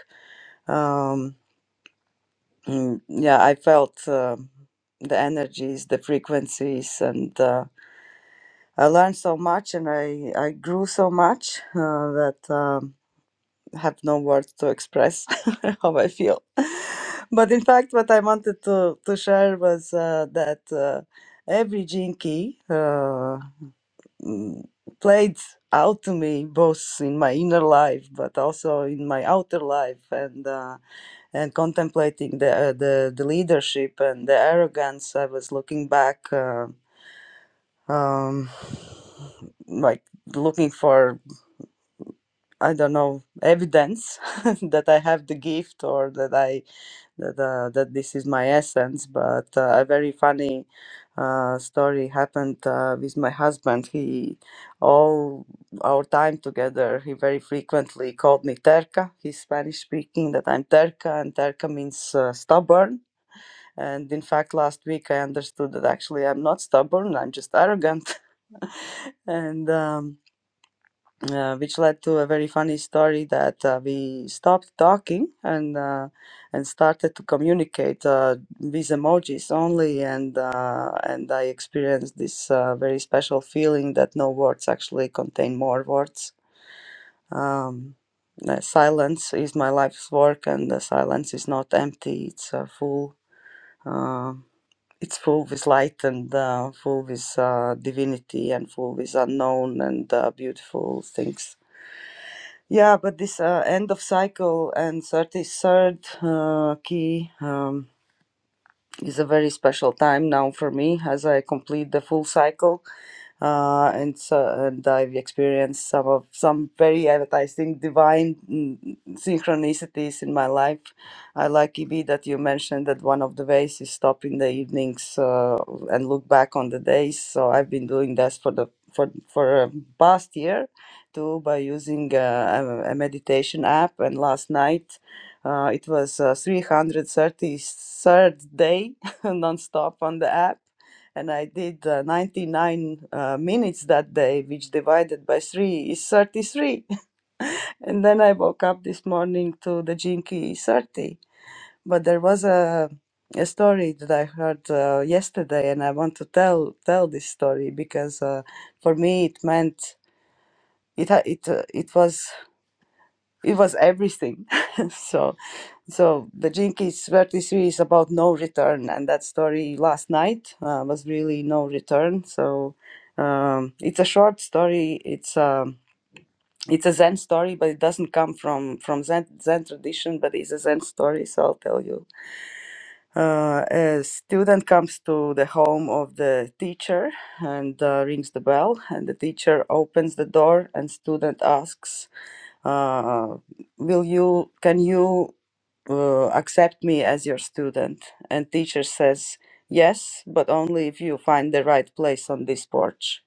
um, mm, yeah, I felt uh, the energies, the frequencies, and uh, I learned so much and I, I grew so much uh, that um, I have no words to express how I feel. But in fact, what I wanted to, to share was uh, that uh, every jinky. Key. mm, played out to me both in my inner life but also in my outer life and uh, and contemplating the, uh, the the leadership and the arrogance i was looking back uh, um like looking for I don't know evidence that I have the gift or that I that uh, that this is my essence. But uh, a very funny uh, story happened uh, with my husband. He all our time together. He very frequently called me Terca. He's Spanish speaking. That I'm Terca, and Terca means uh, stubborn. And in fact, last week I understood that actually I'm not stubborn. I'm just arrogant, and. Um, uh, which led to a very funny story that uh, we stopped talking and uh, and started to communicate uh, with emojis only and uh, and I experienced this uh, very special feeling that no words actually contain more words. Um, uh, silence is my life's work, and the silence is not empty; it's uh, full. Uh, it's full with light and uh, full with uh, divinity and full with unknown and uh, beautiful things. Yeah, but this uh, end of cycle and 33rd uh, key um, is a very special time now for me as I complete the full cycle uh, and so and I've experienced some of some very advertising divine mm, synchronicities in my life. I like EB that you mentioned that one of the ways is stop in the evenings uh, and look back on the days. So I've been doing that for the for for um, past year too by using uh, a, a meditation app. And last night. Uh, it was uh, 333rd day nonstop on the app and I did uh, 99 uh, minutes that day, which divided by 3 is 33. and then I woke up this morning to the Jinky 30. But there was a, a story that I heard uh, yesterday, and I want to tell tell this story because uh, for me it meant it ha- it uh, it was it was everything. so So the Jinkies 33 is about no return, and that story last night uh, was really no return. So um, it's a short story. It's a it's a Zen story, but it doesn't come from from Zen Zen tradition, but it's a Zen story. So I'll tell you. Uh, a student comes to the home of the teacher and uh, rings the bell, and the teacher opens the door, and student asks uh, will you can you uh, accept me as your student and teacher says yes but only if you find the right place on this porch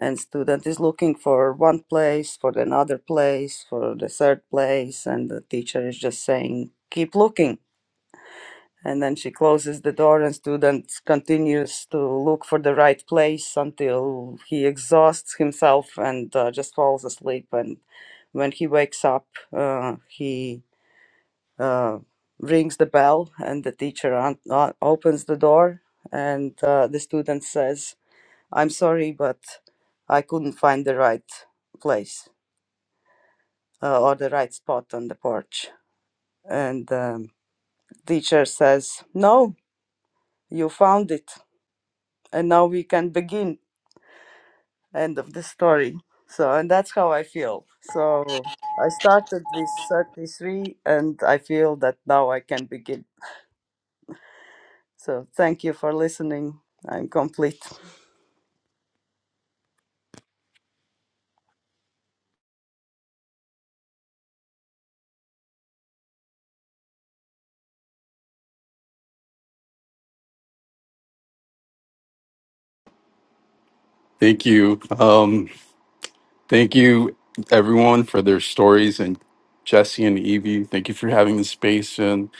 and student is looking for one place for another place for the third place and the teacher is just saying keep looking and then she closes the door and student continues to look for the right place until he exhausts himself and uh, just falls asleep and when he wakes up uh, he uh, rings the bell and the teacher un- uh, opens the door and uh, the student says i'm sorry but i couldn't find the right place uh, or the right spot on the porch and um, teacher says no you found it and now we can begin end of the story so and that's how i feel so i started with 33 and i feel that now i can begin so thank you for listening i'm complete
Thank you. Um, thank you, everyone, for their stories. And Jesse and Evie, thank you for having this space. And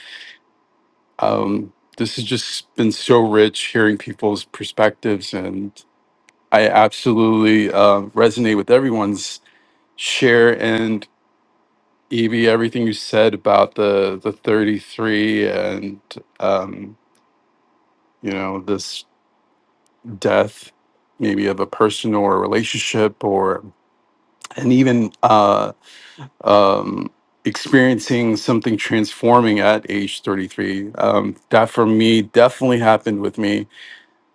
um, this has just been so rich hearing people's perspectives. And I absolutely uh, resonate with everyone's share. And Evie, everything you said about the, the 33 and, um, you know, this death, maybe of a person or a relationship or and even uh, um, experiencing something transforming at age 33. Um, that for me definitely happened with me.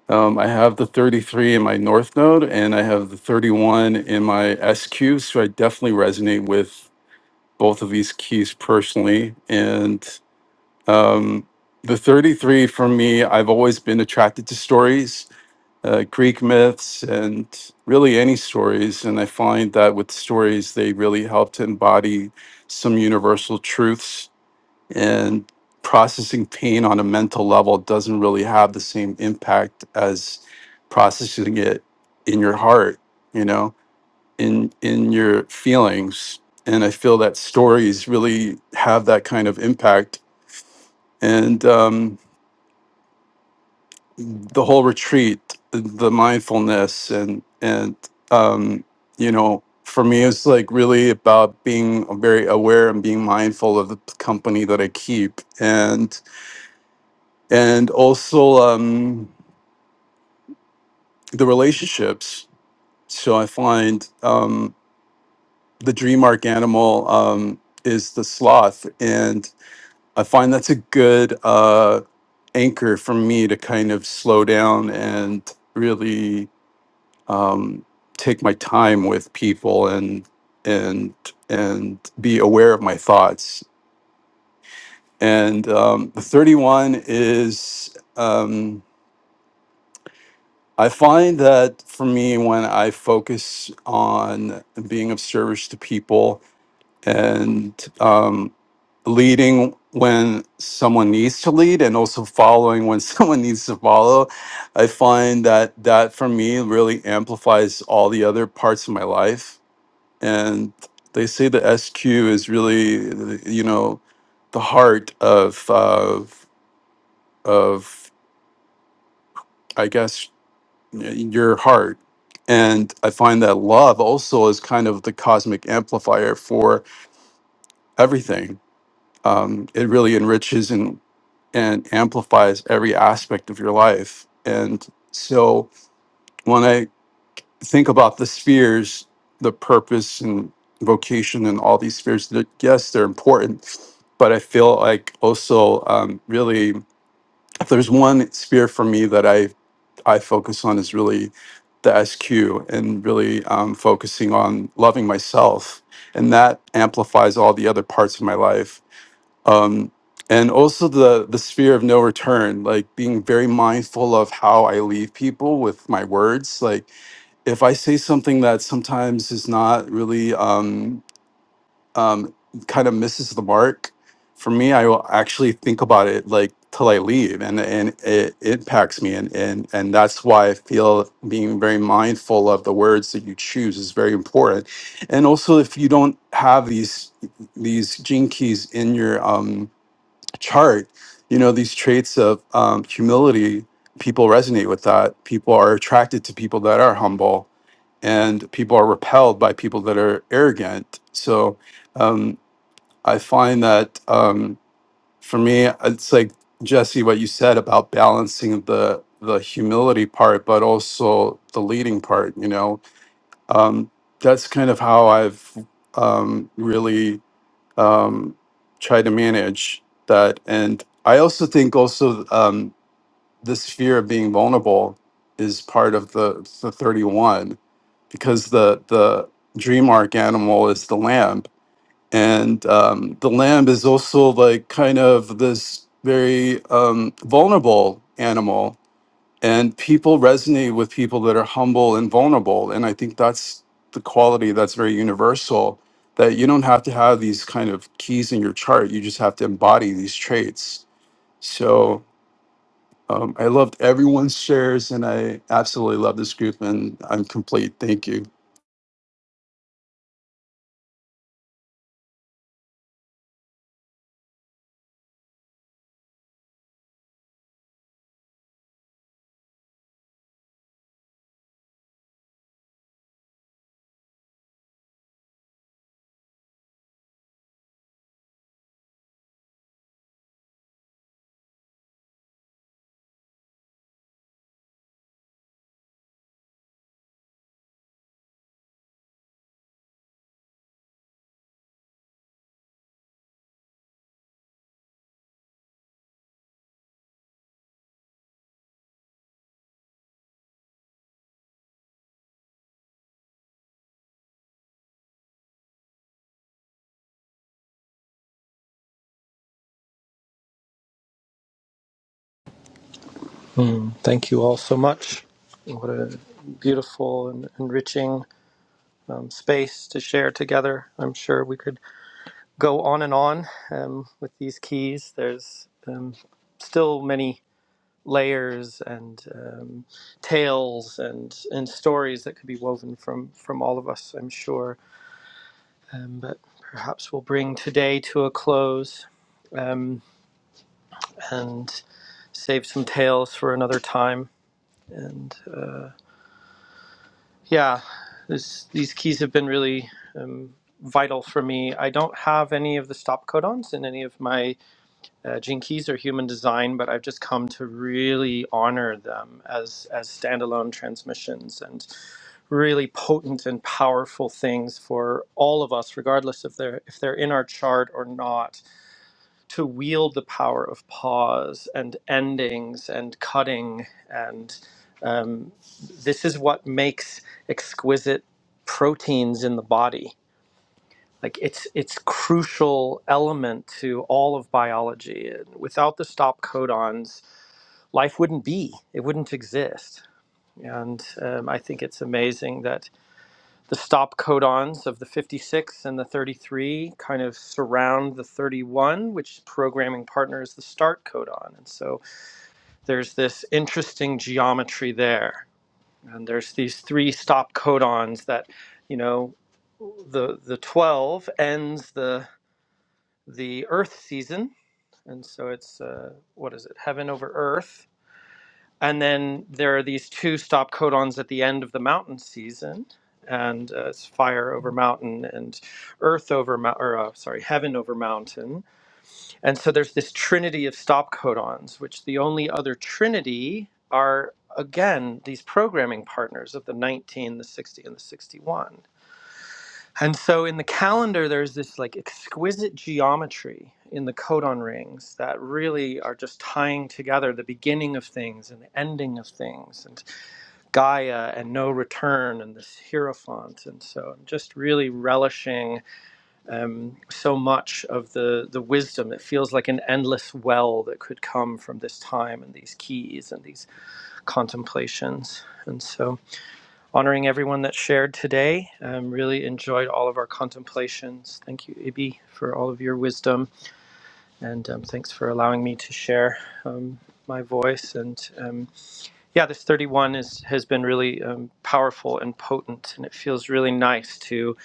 Um, I have the 33 in my North Node and I have the 31 in my SQ. So I definitely resonate with both of these keys personally. And um, the 33 for me, I've always been attracted to stories uh, Greek myths, and really any stories. And I find that with stories, they really help to embody some universal truths. And processing pain on a mental level doesn't really have the same impact as processing it in your heart, you know, in in your feelings. And I feel that stories really have that kind of impact. And um, the whole retreat, the, mindfulness, and and um, you know, for me, it's like really about being very aware and being mindful of the company that I keep, and and also um, the relationships. So I find um, the dream arc animal um, is the sloth, and I find that's a good uh, anchor for me to kind of slow down and really um, take my time with people and and and be aware of my thoughts. And um, the thirty one is um, I find that for me when I focus on being of service to people and um, leading when someone needs to lead and also following when someone needs to follow i find that that for me really amplifies all the other parts of my life and they say the SQ is really, the- you know, the heart of of of I guess your heart. And I find that love also is kind of the cosmic amplifier for everything. Um, it really enriches and and amplifies every aspect of your life. And so when I think about the spheres, the purpose and vocation, and all these spheres. that- Yes, they're important, but I feel like also um, really, if there's one sphere for me that I I focus on is really the SQ and really um, focusing on loving myself, and that amplifies all the other parts of my life. Um, and also the the sphere of no return, like being very mindful of how I leave people with my words, like if I say something that sometimes is not really um, um, kind of misses the mark, for me, I will actually think about it like till I leave, and and it impacts me, and and and that's why I feel being very mindful of the words that you choose is very important, and also if you don't have these these gene keys in your um, chart, you know these traits of um, humility. People resonate with that. People are attracted to people that are humble and people are repelled by people that are arrogant. So um, I find that um, for me, it's like Jesse, what you said about balancing the the humility part, but also the leading part. You know, um, that's kind of how I've um, really um, tried to manage that. And I also think also. Um, this fear of being vulnerable is part of the, the 31 because the the dream arc animal is the lamb and um, the lamb is also like kind of this very um, vulnerable animal and people resonate with people that are humble and vulnerable and i think that's the quality that's very universal that you don't have to have these kind of keys in your chart you just have to embody these traits so um, I loved everyone's shares, and I absolutely love this group. And I'm complete. Thank you.
Mm, thank you all so much. What a beautiful and enriching um, space to share together. I'm sure we could go on and on um, with these keys. There's um, still many layers and um, tales and and stories that could be woven from from all of us. I'm sure, um, but perhaps we'll bring today to a close um, and save some tales for another time. And. uh, Yeah, this, these keys have been really um, vital for me. I don't have any of the stop codons in any of my uh, gene keys or human design, but I've just come to really honor them as as standalone transmissions and really potent and powerful things for all of us, regardless of their if they're in our chart or not to wield the power of pause and endings and cutting and um, this is what makes exquisite proteins in the body like it's it's crucial element to all of biology and without the stop codons life wouldn't be it wouldn't exist and um, i think it's amazing that the stop codons of the 56 and the 33 kind of surround the 31, which programming partner is the start codon. And so there's this interesting geometry there. And there's these three stop codons that, you know, the the 12 ends the the Earth season, and so it's uh, what is it? Heaven over Earth, and then there are these two stop codons at the end of the mountain season, and uh, it's fire over mountain and earth over mou- or uh, sorry, heaven over mountain. And so there's this trinity of stop codons, which the only other trinity are again these programming partners of the 19, the 60, and the 61. And so in the calendar, there's this like exquisite geometry in the codon rings that really are just tying together the beginning of things and the ending of things. and. Gaia and No Return and this Hierophant. And so I'm just really relishing um, so much of the, the wisdom. It feels like an endless well that could come from this time and these keys and these contemplations. And so honoring everyone that shared today. Um, really enjoyed all of our contemplations. Thank you, Ibi, for all of your wisdom. And um, thanks for allowing me to share um, my voice. And um, yeah, this 31 is has been really um, powerful and potent, and it feels really nice to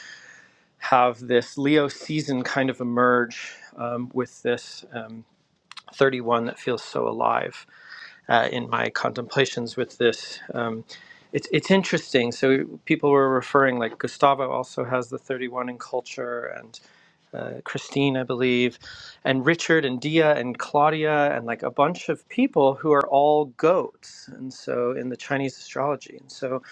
have this Leo season kind of emerge um, with this um, 31 that feels so alive uh, in my contemplations with this. Um, it's it's interesting. So people were referring like Gustavo also has the 31 in culture, and uh, Christine, I believe, and Richard and Dia and Claudia and like a bunch of people who are all goats. And so in the Chinese astrology. And so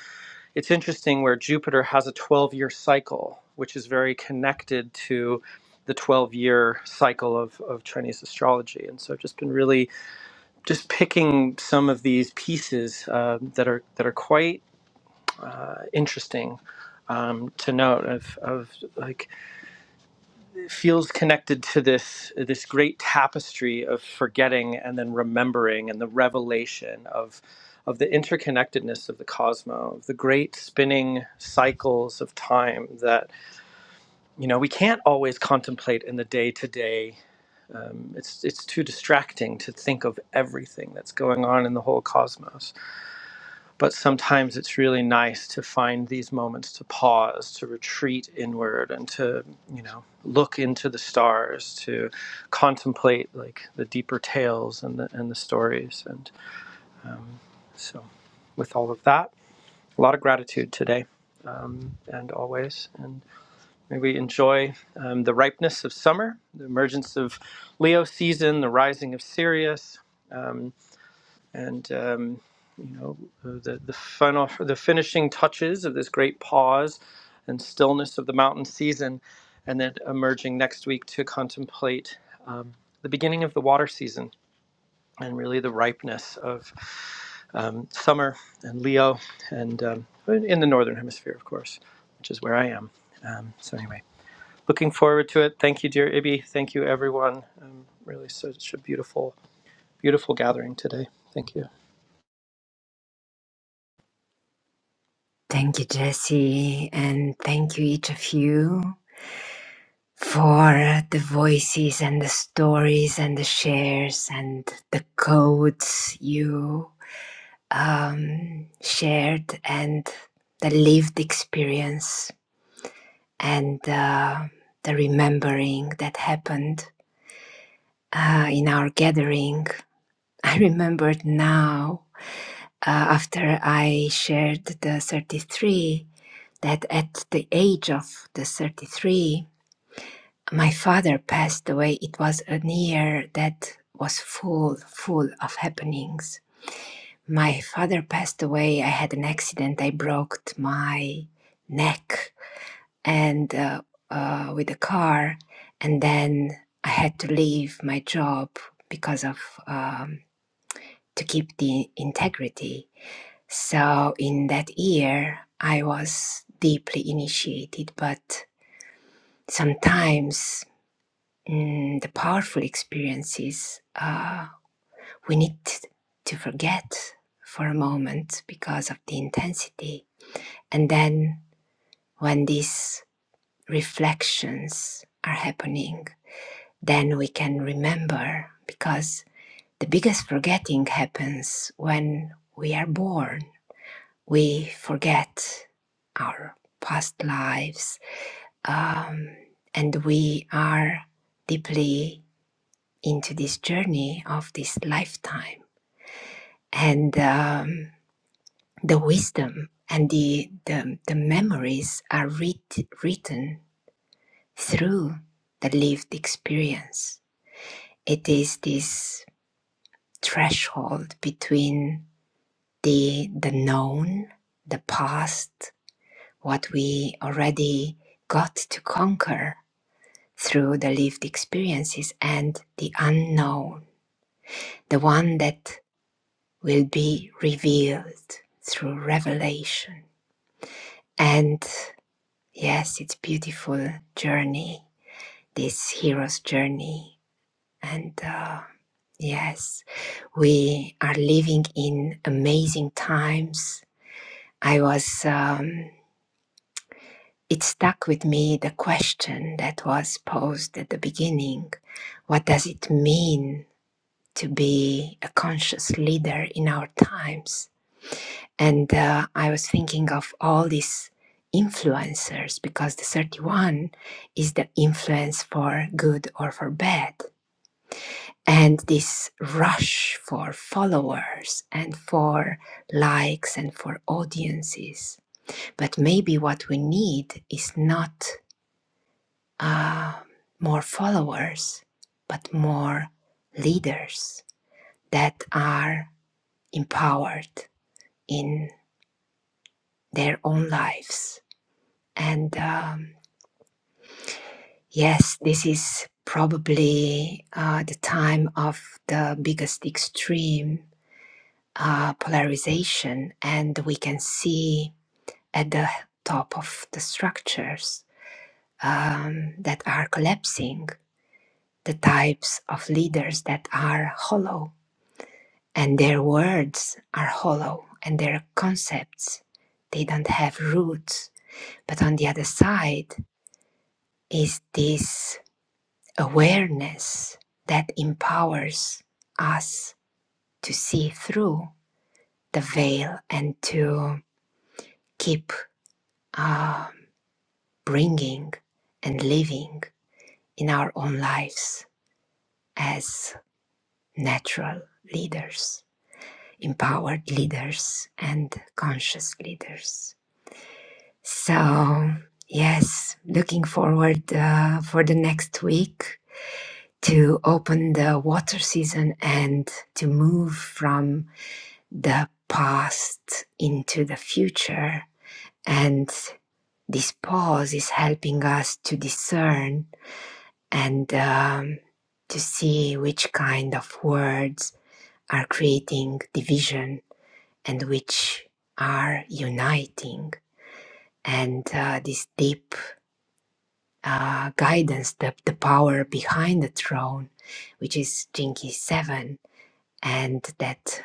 it's interesting where Jupiter has a 12 year cycle, which is very connected to the 12 year cycle of, of Chinese astrology. And so I've just been really just picking some of these pieces uh, that are that are quite uh, interesting um, to note of, of like feels connected to this this great tapestry of forgetting and then remembering and the revelation of of the interconnectedness of the cosmos, of the great spinning cycles of time that you know we can't always contemplate in the day to day. It's it's too distracting to think of everything that's going on in the whole cosmos but sometimes it's really nice to find these moments to pause, to retreat inward, and to, you know, look into the stars, to contemplate like the deeper tales and the, and the stories. And so, with all of that, a lot of gratitude today and always. And may we enjoy um, the ripeness of summer, the emergence of Leo season, the rising of Sirius. um, and um, you know uh, the the final the finishing touches of this great pause and stillness of the mountain season, and then emerging next week to contemplate um, the beginning of the water season and really the ripeness of um, summer and Leo and um, in the northern hemisphere, of course, which is where I am. Um, so anyway, looking forward to it. Thank you, dear Ibby. Thank you, everyone. Um, really such a beautiful, beautiful gathering today. Thank you.
Thank you, Jesse, and thank you, each of you, for the voices and the stories and the shares and the codes you um, shared and the lived experience and uh, the remembering that happened uh, in our gathering. I remembered now uh, after I shared the 33, that at the age of the 33, my father passed away. It was a year that was full, full of happenings. My father passed away. I had an accident. I broke my neck and uh, uh, with a car, and then I had to leave my job because of um, to keep the integrity So in that year, I was deeply initiated, but sometimes mm, the powerful experiences uh, we need to forget for a moment because of the intensity. And then when these reflections are happening, then we can remember because the biggest forgetting happens when we are bored we forget our past lives um, and we are deeply into this journey of this lifetime and um, the wisdom and the, the, the memories are writ- written through the lived experience it is this threshold between the the known the past what we already got to conquer through the lived experiences and the unknown, the one that will be revealed through revelation. And yes, it's a beautiful journey, this hero's journey. And uh, yes, we are living in amazing times. I was, um, it stuck with me the question that was posed at the beginning What does it mean to be a conscious leader in our times? And uh, I was thinking of all these influencers because the 31 is the influence for good or for bad. And this rush for followers and for likes and for audiences. But maybe what we need is not uh, more followers, but more leaders that are empowered in their own lives. And um, yes, this is probably uh, the time of the biggest extreme uh, polarization, and we can see at the top of the structures um, that are collapsing the types of leaders that are hollow and their words are hollow and their concepts they don't have roots But on the other side is this awareness that empowers us to see through the veil and to keep uh, bringing and living in our own lives as natural leaders, empowered leaders, and conscious leaders. So, yes, looking forward uh, for the next week to open the water season and to move from the past into the future. And this pause is helping us to discern and um, to see which kind of words are creating division and which are uniting. And uh, this deep uh, guidance, the, the power behind the throne, which is Jinki 7, and that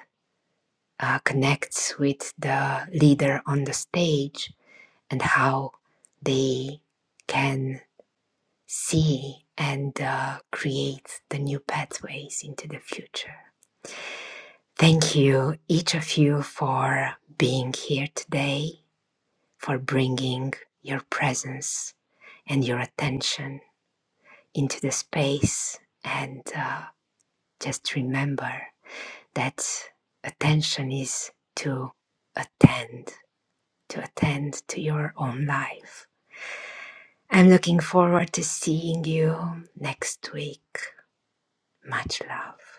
uh, connects with the leader on the stage and how they can see and uh, create the new pathways into the future. Thank you, each of you, for being here today, for bringing your presence and your attention into the space. And uh, just remember that attention is to attend to attend to your own life. I'm looking forward to seeing you next week. Much love.